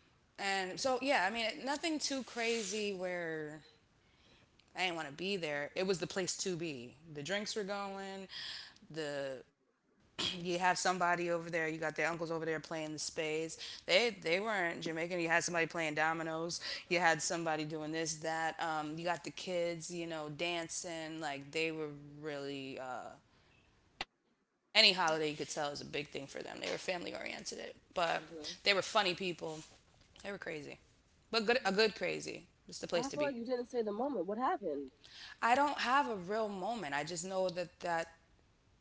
and so yeah, I mean nothing too crazy where I didn't want to be there. It was the place to be, the drinks were going, the you have somebody over there, you got their uncles over there playing the spades, they weren't Jamaican, you had somebody playing dominoes, you had somebody doing this that, you got the kids, you know, dancing like they were really any holiday you could tell is a big thing for them. They were family oriented, but they were
mm-hmm.
funny people. They were crazy, but good, a good crazy. It's the place to
I
be.
feel like you didn't say the moment. What happened?
I don't have a real moment. I just know that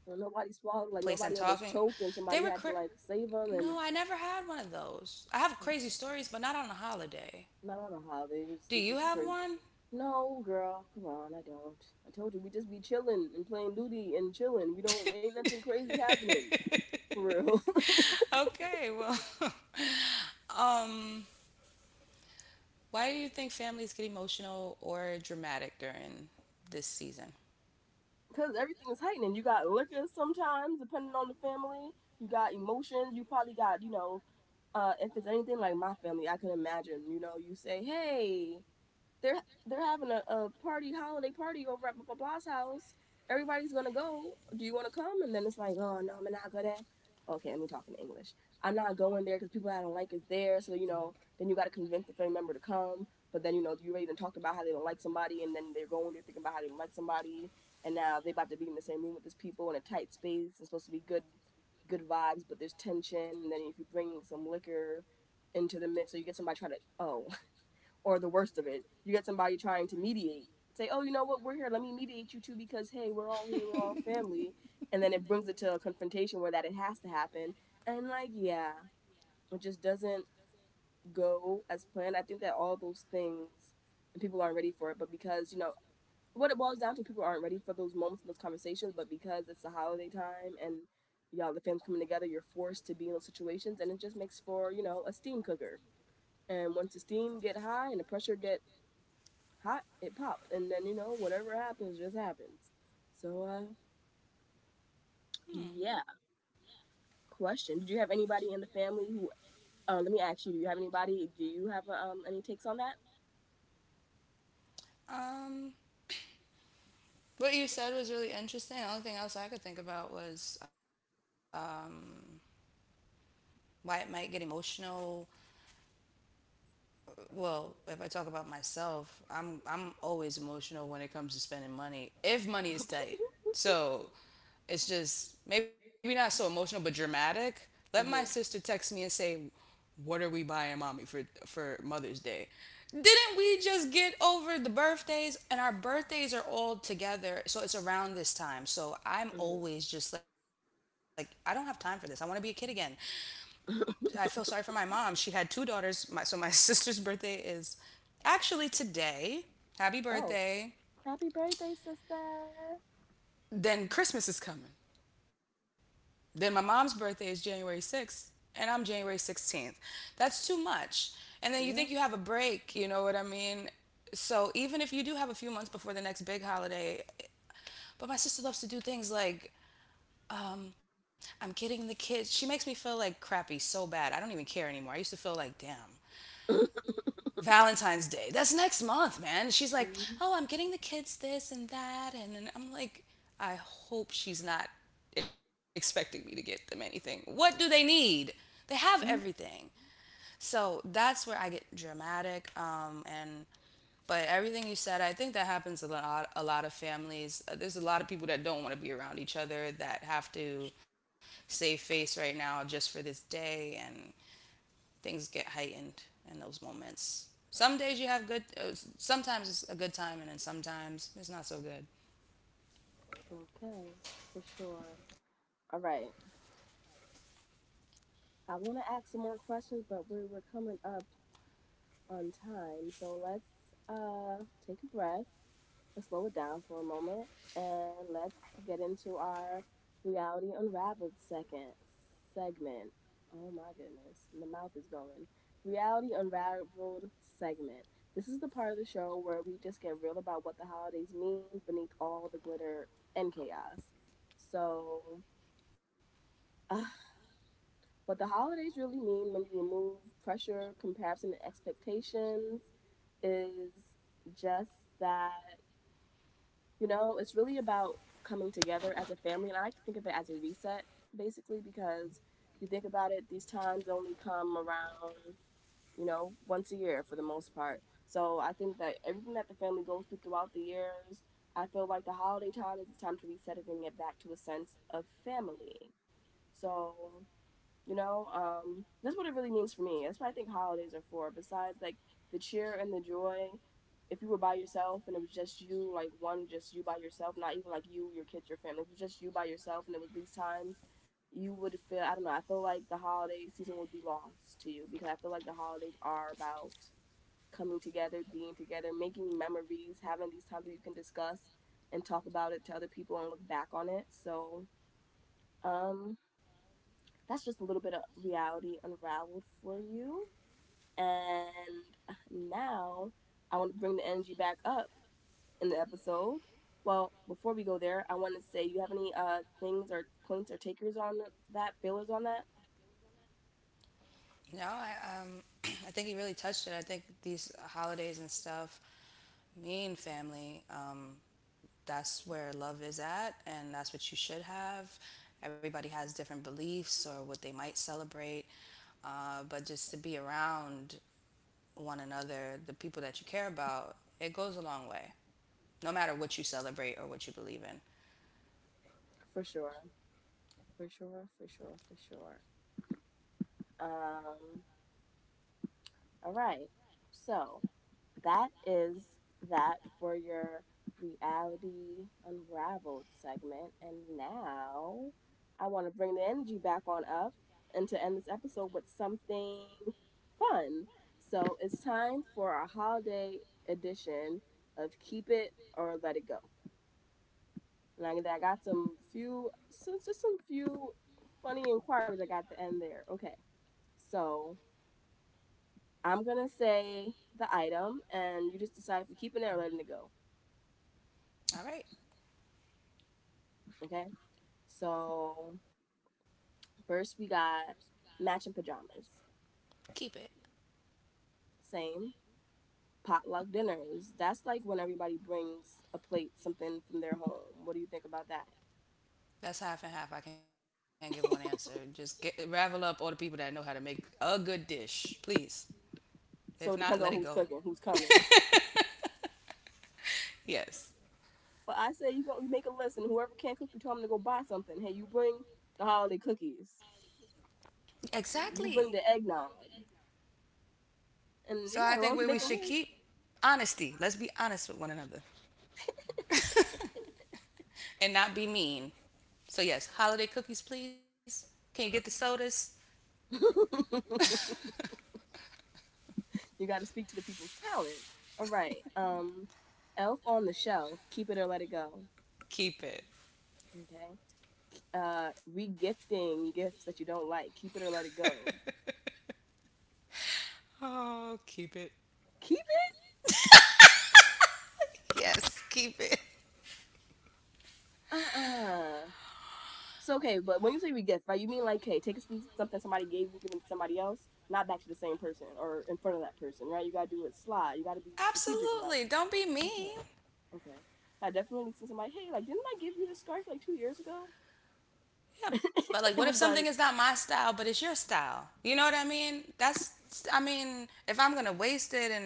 Like,
place I'm
nobody
talking,
swallowed, like nobody
they were
almost
cra-
choked, and somebody had to like
no.
save
I
them,
never
and
had one of those. I have crazy
okay, fine.
stories, but not on a holiday.
I don't know how they
Do
just
you
they're
have
just crazy.
one?
No, girl, come on, I don't. I told you we just be chilling and playing duty and chilling. We don't ain't nothing crazy happening for real.
Okay, well, um, why do you think families get emotional or dramatic during this season?
Cause everything is heightening. You got liquor sometimes, depending on the family. You got emotions. You probably got you know, if it's anything like my family, I can imagine. You know, you say, hey, They're they're having a party, holiday party over at blah blah blah's house. Everybody's gonna go. Do you want to come? And then it's like, oh no, I'm not gonna. Okay, let me talk in English. I'm not going there because people I don't like is there. So you know, then you got to convince the family member to come. But then you know, you already done talked about how they don't like somebody, and then they're going there thinking about how they don't like somebody, and now they about to be in the same room with these people in a tight space. It's supposed to be good, good vibes, but there's tension. And then if you bring some liquor into the mix, so you get somebody try to oh or the worst of it, you get somebody trying to mediate. Say, oh, you know what? We're here. Let me mediate you two because hey, we're all here. We're all family. And then it brings it to a confrontation where that it has to happen. And like, yeah, it just doesn't go as planned. I think that all those things and people aren't ready for it. But because you know what it boils down to, people aren't ready for those moments and those conversations. But because it's the holiday time and y'all the family's coming together, you're forced to be in those situations, and it just makes for you know a steam cooker. And once the steam get high and the pressure get hot, it popped. And then, you know, whatever happens, just happens. So,
Hmm.
yeah. Question: did you have anybody in the family who, let me ask you, do you have anybody, do you have a any takes on that?
Um, what you said was really interesting. The only thing else I could think about was why it might get emotional. Well, if I talk about myself, I'm always emotional when it comes to spending money. If money is tight. So it's just maybe not so emotional but dramatic. Let my sister
Mm-hmm.
text me and say, "What are we buying mommy for Mother's Day?" Didn't we just get over the birthdays, and our birthdays are all together. So it's around this time. So I'm
Mm-hmm.
always just like I don't have time for this. I want to be a kid again. I feel sorry for my mom. She had two daughters. So my sister's birthday is actually today. Happy
Oh,
birthday.
happy birthday, sister.
Then Christmas is coming. Then my mom's birthday is January 6th, and I'm January 16th. That's too much. And then you think you have
Yeah.
a break, you know what I mean? So even if you do have a few months before the next big holiday, but my sister loves to do things like um, I'm getting the kids. She makes me feel like crappy so bad. I don't even care anymore. I used to feel like, damn, Valentine's Day. That's next month, man. She's like,
Mm-hmm.
oh, I'm getting the kids this and that. And I'm like, I hope she's not expecting me to get them anything. What do they need? They have everything. So that's where I get dramatic. And but everything you said, I think that happens a lot. A lot of families. There's a lot of people that don't want to be around each other that have to save face right now just for this day. And things get heightened in those moments. Some days you have good, sometimes it's a good time, and then sometimes it's not so good.
Okay, for sure. All right. I want to ask some more questions, but we're coming up on time. So let's take a breath, slow it down for a moment, and let's get into our Reality Unraveled second segment. Oh my goodness, the mouth is going. Reality Unraveled segment. This is the part of the show where we just get real about what the holidays mean beneath all the glitter and chaos. So, uh, what the holidays really mean when you remove pressure, comparison, and expectations is just that. You know, it's really about coming together as a family. And I like to think of it as a reset, basically, because you think about it, these times only come around, you know, once a year for the most part. So I think that everything that the family goes through throughout the years, I feel like the holiday time is the time to reset it and get back to a sense of family. So you know, that's what it really means for me. That's what I think holidays are for. Besides, like, the cheer and the joy. If you were by yourself and it was just you, like one, just you by yourself, not even like you, your kids, your family, if it was just you by yourself, and it was these times, you would feel, I don't know. I feel like the holiday season would be lost to you because I feel like the holidays are about coming together, being together, making memories, having these times where you can discuss and talk about it to other people and look back on it. So, um, that's just a little bit of Reality Unraveled for you. And now I want to bring the energy back up in the episode. Well, before we go there, I want to say, you have any things or points or takers on that, feelers on that?
No, um, I think he really touched it. I think these holidays and stuff mean family. That's where love is at, and that's what you should have. Everybody has different beliefs or what they might celebrate, but just to be around one another, the people that you care about, it goes a long way, no matter what you celebrate or what you believe in.
For sure, for sure, for sure, for sure. Um, all right. So that is that for your Reality Unraveled segment. And now I want to bring the energy back on up and to end this episode with something fun. So it's time for our holiday edition of Keep It or Let It Go. And I got some few, so just some few funny inquiries I got at the end there. Okay, so I'm gonna say the item, and you just decide if you're keeping it or letting it go.
All right,
Okay. So first we got matching pajamas.
keep it.
Same. Potluck dinners. That's like when everybody brings a plate, something from their home. What do you think about that?
That's half and half. I can't give one answer. Just get, ravel up all the people that know how to make a good dish, please. If
So it
not,
depends
let
on
it
who's
go.
cooking, who's coming.
Yes,
But I say you go, you make a list, and whoever can't cook, you tell them to go buy something. Hey, you bring the holiday cookies.
exactly.
You bring the eggnog. And
So
yeah,
I
as long
think
as you
we,
make
we
a
should keep honesty. Let's be honest with one another and not be mean. So yes, holiday cookies, please. Can you get the sodas?
list. You gotta speak to the people's talent. All right. Elf on the Shelf, Keep It or Let It Go.
Keep it.
Okay. uh Regifting gifts that you don't like. Keep it or let it go.
Oh, keep it.
Keep it.
Yes, keep it.
Uh uh So okay, but when you say regift, right, you mean like, hey, take some- something somebody gave you, give it to somebody else, not back to the same person or in front of that person, right? You gotta do it sly. You gotta be strategic about
Absolutely.
this.
Don't be
Okay,
mean.
okay. I definitely seen somebody, hey, like, didn't I give you this scarf like two years ago?
Yeah, but like, what if something
And
is
it's
not
like,
my style, but it's your style? You know what I mean? That's, I mean, if I'm gonna waste it and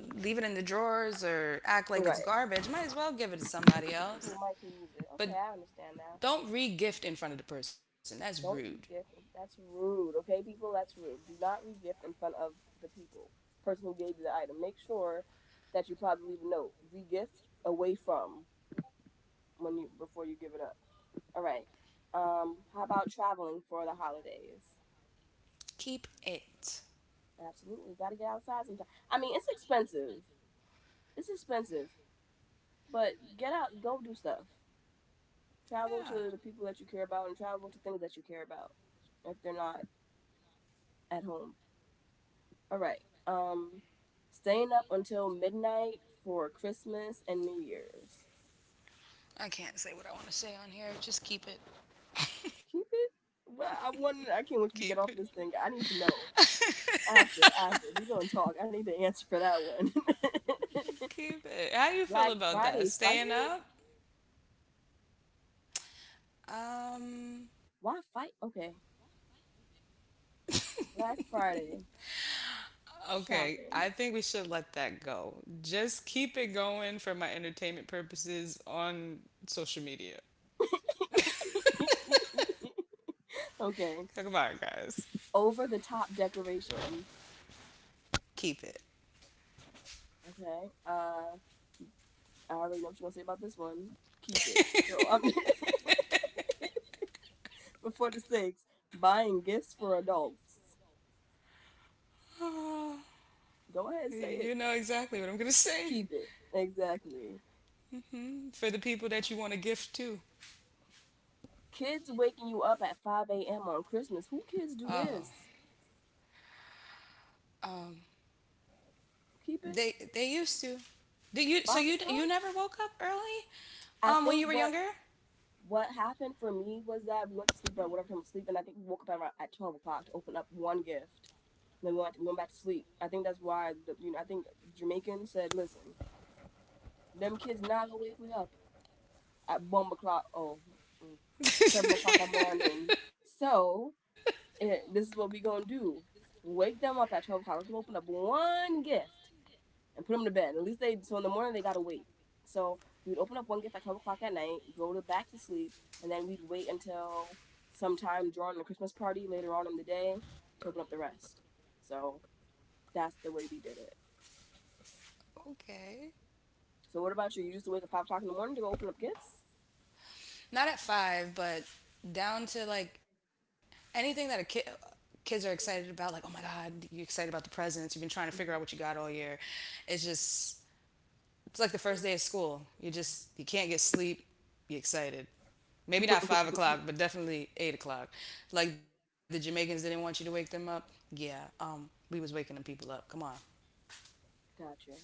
leave it in the drawers or act like it's
right.
garbage, might as well give it to somebody else.
Well, Mike can use it. Okay,
But
I understand now.
don't re gift in front of the person. That's rude.
Don't regift. That's rude, okay, people? That's rude. Do not regift in front of the people, person who gave you the item. Make sure that you probably leave a note. Regift away from when you before you give it up. All right. How about traveling for the holidays?
Keep it.
Absolutely, gotta get outside sometime. I mean, it's expensive. It's expensive, but get out, go do stuff. Travel
Yeah.
to the people that you care about, and travel to things that you care about. If they're not at home. All right. Um, staying up until midnight for Christmas and New Year's.
I can't say what I want to say on here. Just keep it.
Keep it. Well, I
Keep
want.
it.
I can't wait till we get off this thing. I need to know after. After, we're gonna talk. I need to answer for that one.
Keep it. How you feel about
Black
that?
Friday
Staying up?
fighting.
Um,
Why fight? Okay. Black Friday
Okay, I think we
shopping.
should let that go. Just keep it going for my entertainment purposes on social media. Come on,
Okay.
guys.
Over the top decorations.
Keep it.
Okay. I already know what you're gonna say about this one. Keep it. So I'm. Before the six, buying gifts for adults. Go
Oh,
ahead, and say
you
it.
know exactly what I'm gonna say.
Keep it. Exactly.
For the people that you want to gift to.
Kids waking you up at 5 a.m. on Christmas. Who kids
Oh,
do this?
um,
Keep it.
they used to. Did you? So
5
you
o'clock?
never woke up early,
I
when
think
you were
what
younger?
what happened for me was that we went to sleep at whatever time we sleep, and I think we woke up at 12 o'clock to open up one gift. And then we went, to, we went back to sleep. I think that's why, the, you know, I think Jamaican said, listen, them kids not gonna wake me up at 1 o'clock. Oh, mm, 7 o'clock in the morning. So and this is what we gonna do. Wake them up at 12 o'clock. Let them open up one gift and put them to bed. At least they so in the morning they gotta wait. So we would open up one gift at 12 o'clock at night, go to back to sleep, and then we'd wait until sometime during the Christmas party later on in the day to open up the rest. So that's the way we did it.
Okay.
So what about you? You used to wake up 5 o'clock in the morning to go open up gifts?
Not at five, but down to like anything that a kid kids are excited about. Like, oh my god, you're excited about the presents. You've been trying to figure out what you
Mhm.
got all year. It's just it's like the first day of school. You just you can't get sleep. You're excited. Maybe not 5 o'clock, but definitely 8 o'clock. Like the Jamaicans didn't want you to wake them up. Yeah, we was waking the people up. Come on.
Gotcha.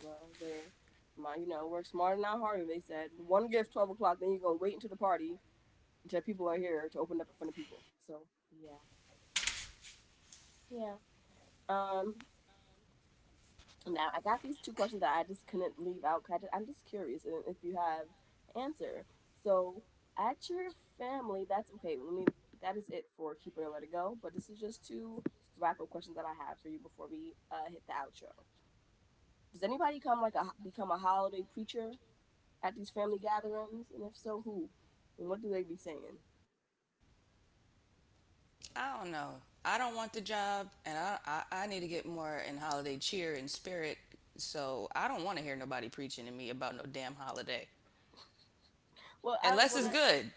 Well then, my you know work smarter not harder. They said one gift 12 o'clock. Then you gonna wait until the party to people out here to open up in front of people. So yeah. Yeah. um, now I got these two questions that I just couldn't leave out. I just, I'm just curious if you have an answer. So at your family, that's okay. Let me. That is it for Keep It or Let It Go. But this is just two wrap up questions that I have for you before we hit the outro. Does anybody come like a become a holiday preacher at these family gatherings? And if so, who? And what do they be saying?
I don't know. I don't want the job, and I need to get more in holiday cheer and spirit. So I don't want to hear nobody preaching to me about no damn holiday,
Well, I don't
unless it's
wanna.
good.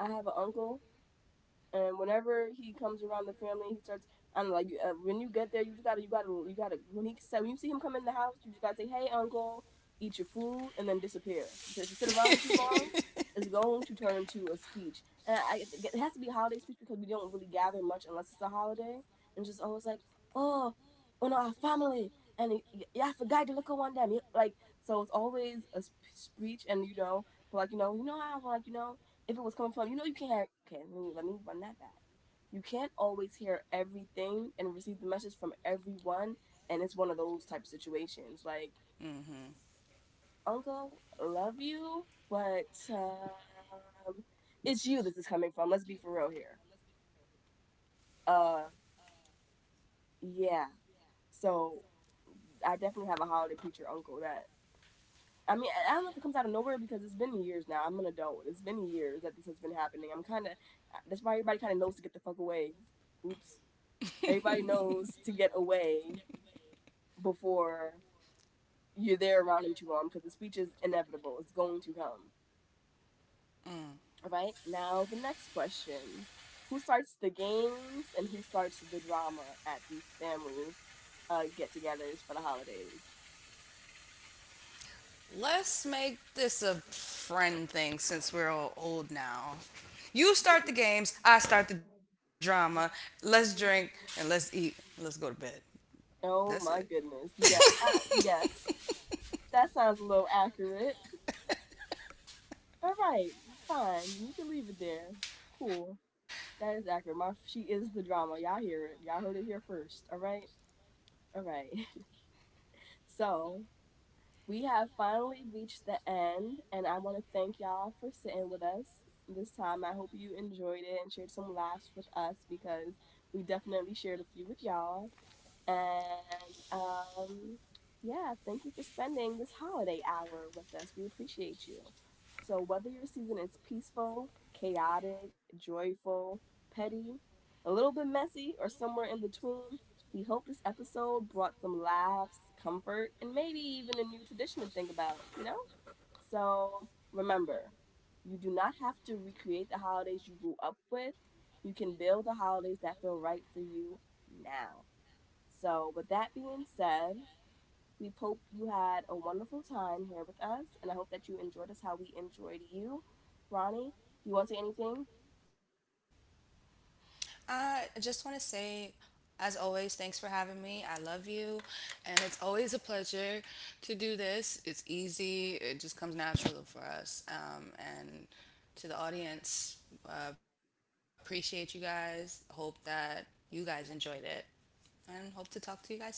I have an uncle, and whenever he comes around the family, he starts. I don't know, like when you get there, you just gotta, you gotta, you gotta. When he said, when you see him come in the house, you just gotta say, "Hey, uncle," eat your food, and then disappear. Because if you sit around him too long, it's going to turn into a speech. And I, it has to be a holiday speech because we don't really gather much unless it's a holiday. And just always like, oh, on our family, and yeah, I forgot to look at one of them. Like so, it's always a speech, and you know, but like you know how like you know, if it was coming from you know, you can't, okay, let me run that back. You can't always hear everything and receive the message from everyone, and it's one of those type of situations, like
Mm-hmm.
uncle love you, but um, it's you, this is coming from, let's be for real here. uh yeah. So I definitely have a holiday preacher uncle that, I mean, I don't know if it comes out of nowhere, because it's been years now, I'm an adult, it's been years that this has been happening, I'm kind of, that's why everybody kind of knows to get the fuck away. Oops. Everybody knows to get away before you're there around him too long, because the speech is inevitable. It's going to come.
Mm.
All right. Now, the next question: who starts the games and who starts the drama at these family get togethers for the holidays?
Let's make this a friend thing since we're all old now. You start the games, I start the drama. Let's drink and let's eat. And let's go to bed. That's it.
Oh my goodness. Yeah. Yes. That sounds a little accurate. All right. Fine. We can leave it there. Cool. That is accurate. My, she is the drama. Y'all hear it. Y'all heard it here first. All right. All right. So we have finally reached the end, and I want to thank y'all for sitting with us this time. I hope you enjoyed it and shared some laughs with us, because we definitely shared a few with y'all. And yeah, thank you for spending this holiday hour with us. We appreciate you. So, whether your season is peaceful, chaotic, joyful, petty, a little bit messy, or somewhere in between, we hope this episode brought some laughs, comfort, and maybe even a new tradition to think about, you know? So, remember, you do not have to recreate the holidays you grew up with. You can build the holidays that feel right for you now. So, with that being said, we hope you had a wonderful time here with us, and I hope that you enjoyed us how we enjoyed you. Ronnie, do you want to say anything?
I just want to say, as always, thanks for having me. I love you, and it's always a pleasure to do this. It's easy, it just comes natural for us. And to the audience, appreciate you guys. Hope that you guys enjoyed it, and hope to talk to you guys soon.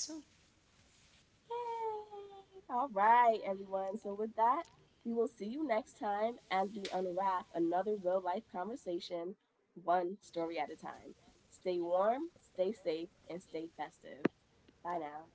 Yay! All right, everyone. So, with that, we will see you next time as we unwrap another real life conversation, one story at a time. Stay warm, stay safe, and stay festive. Bye now.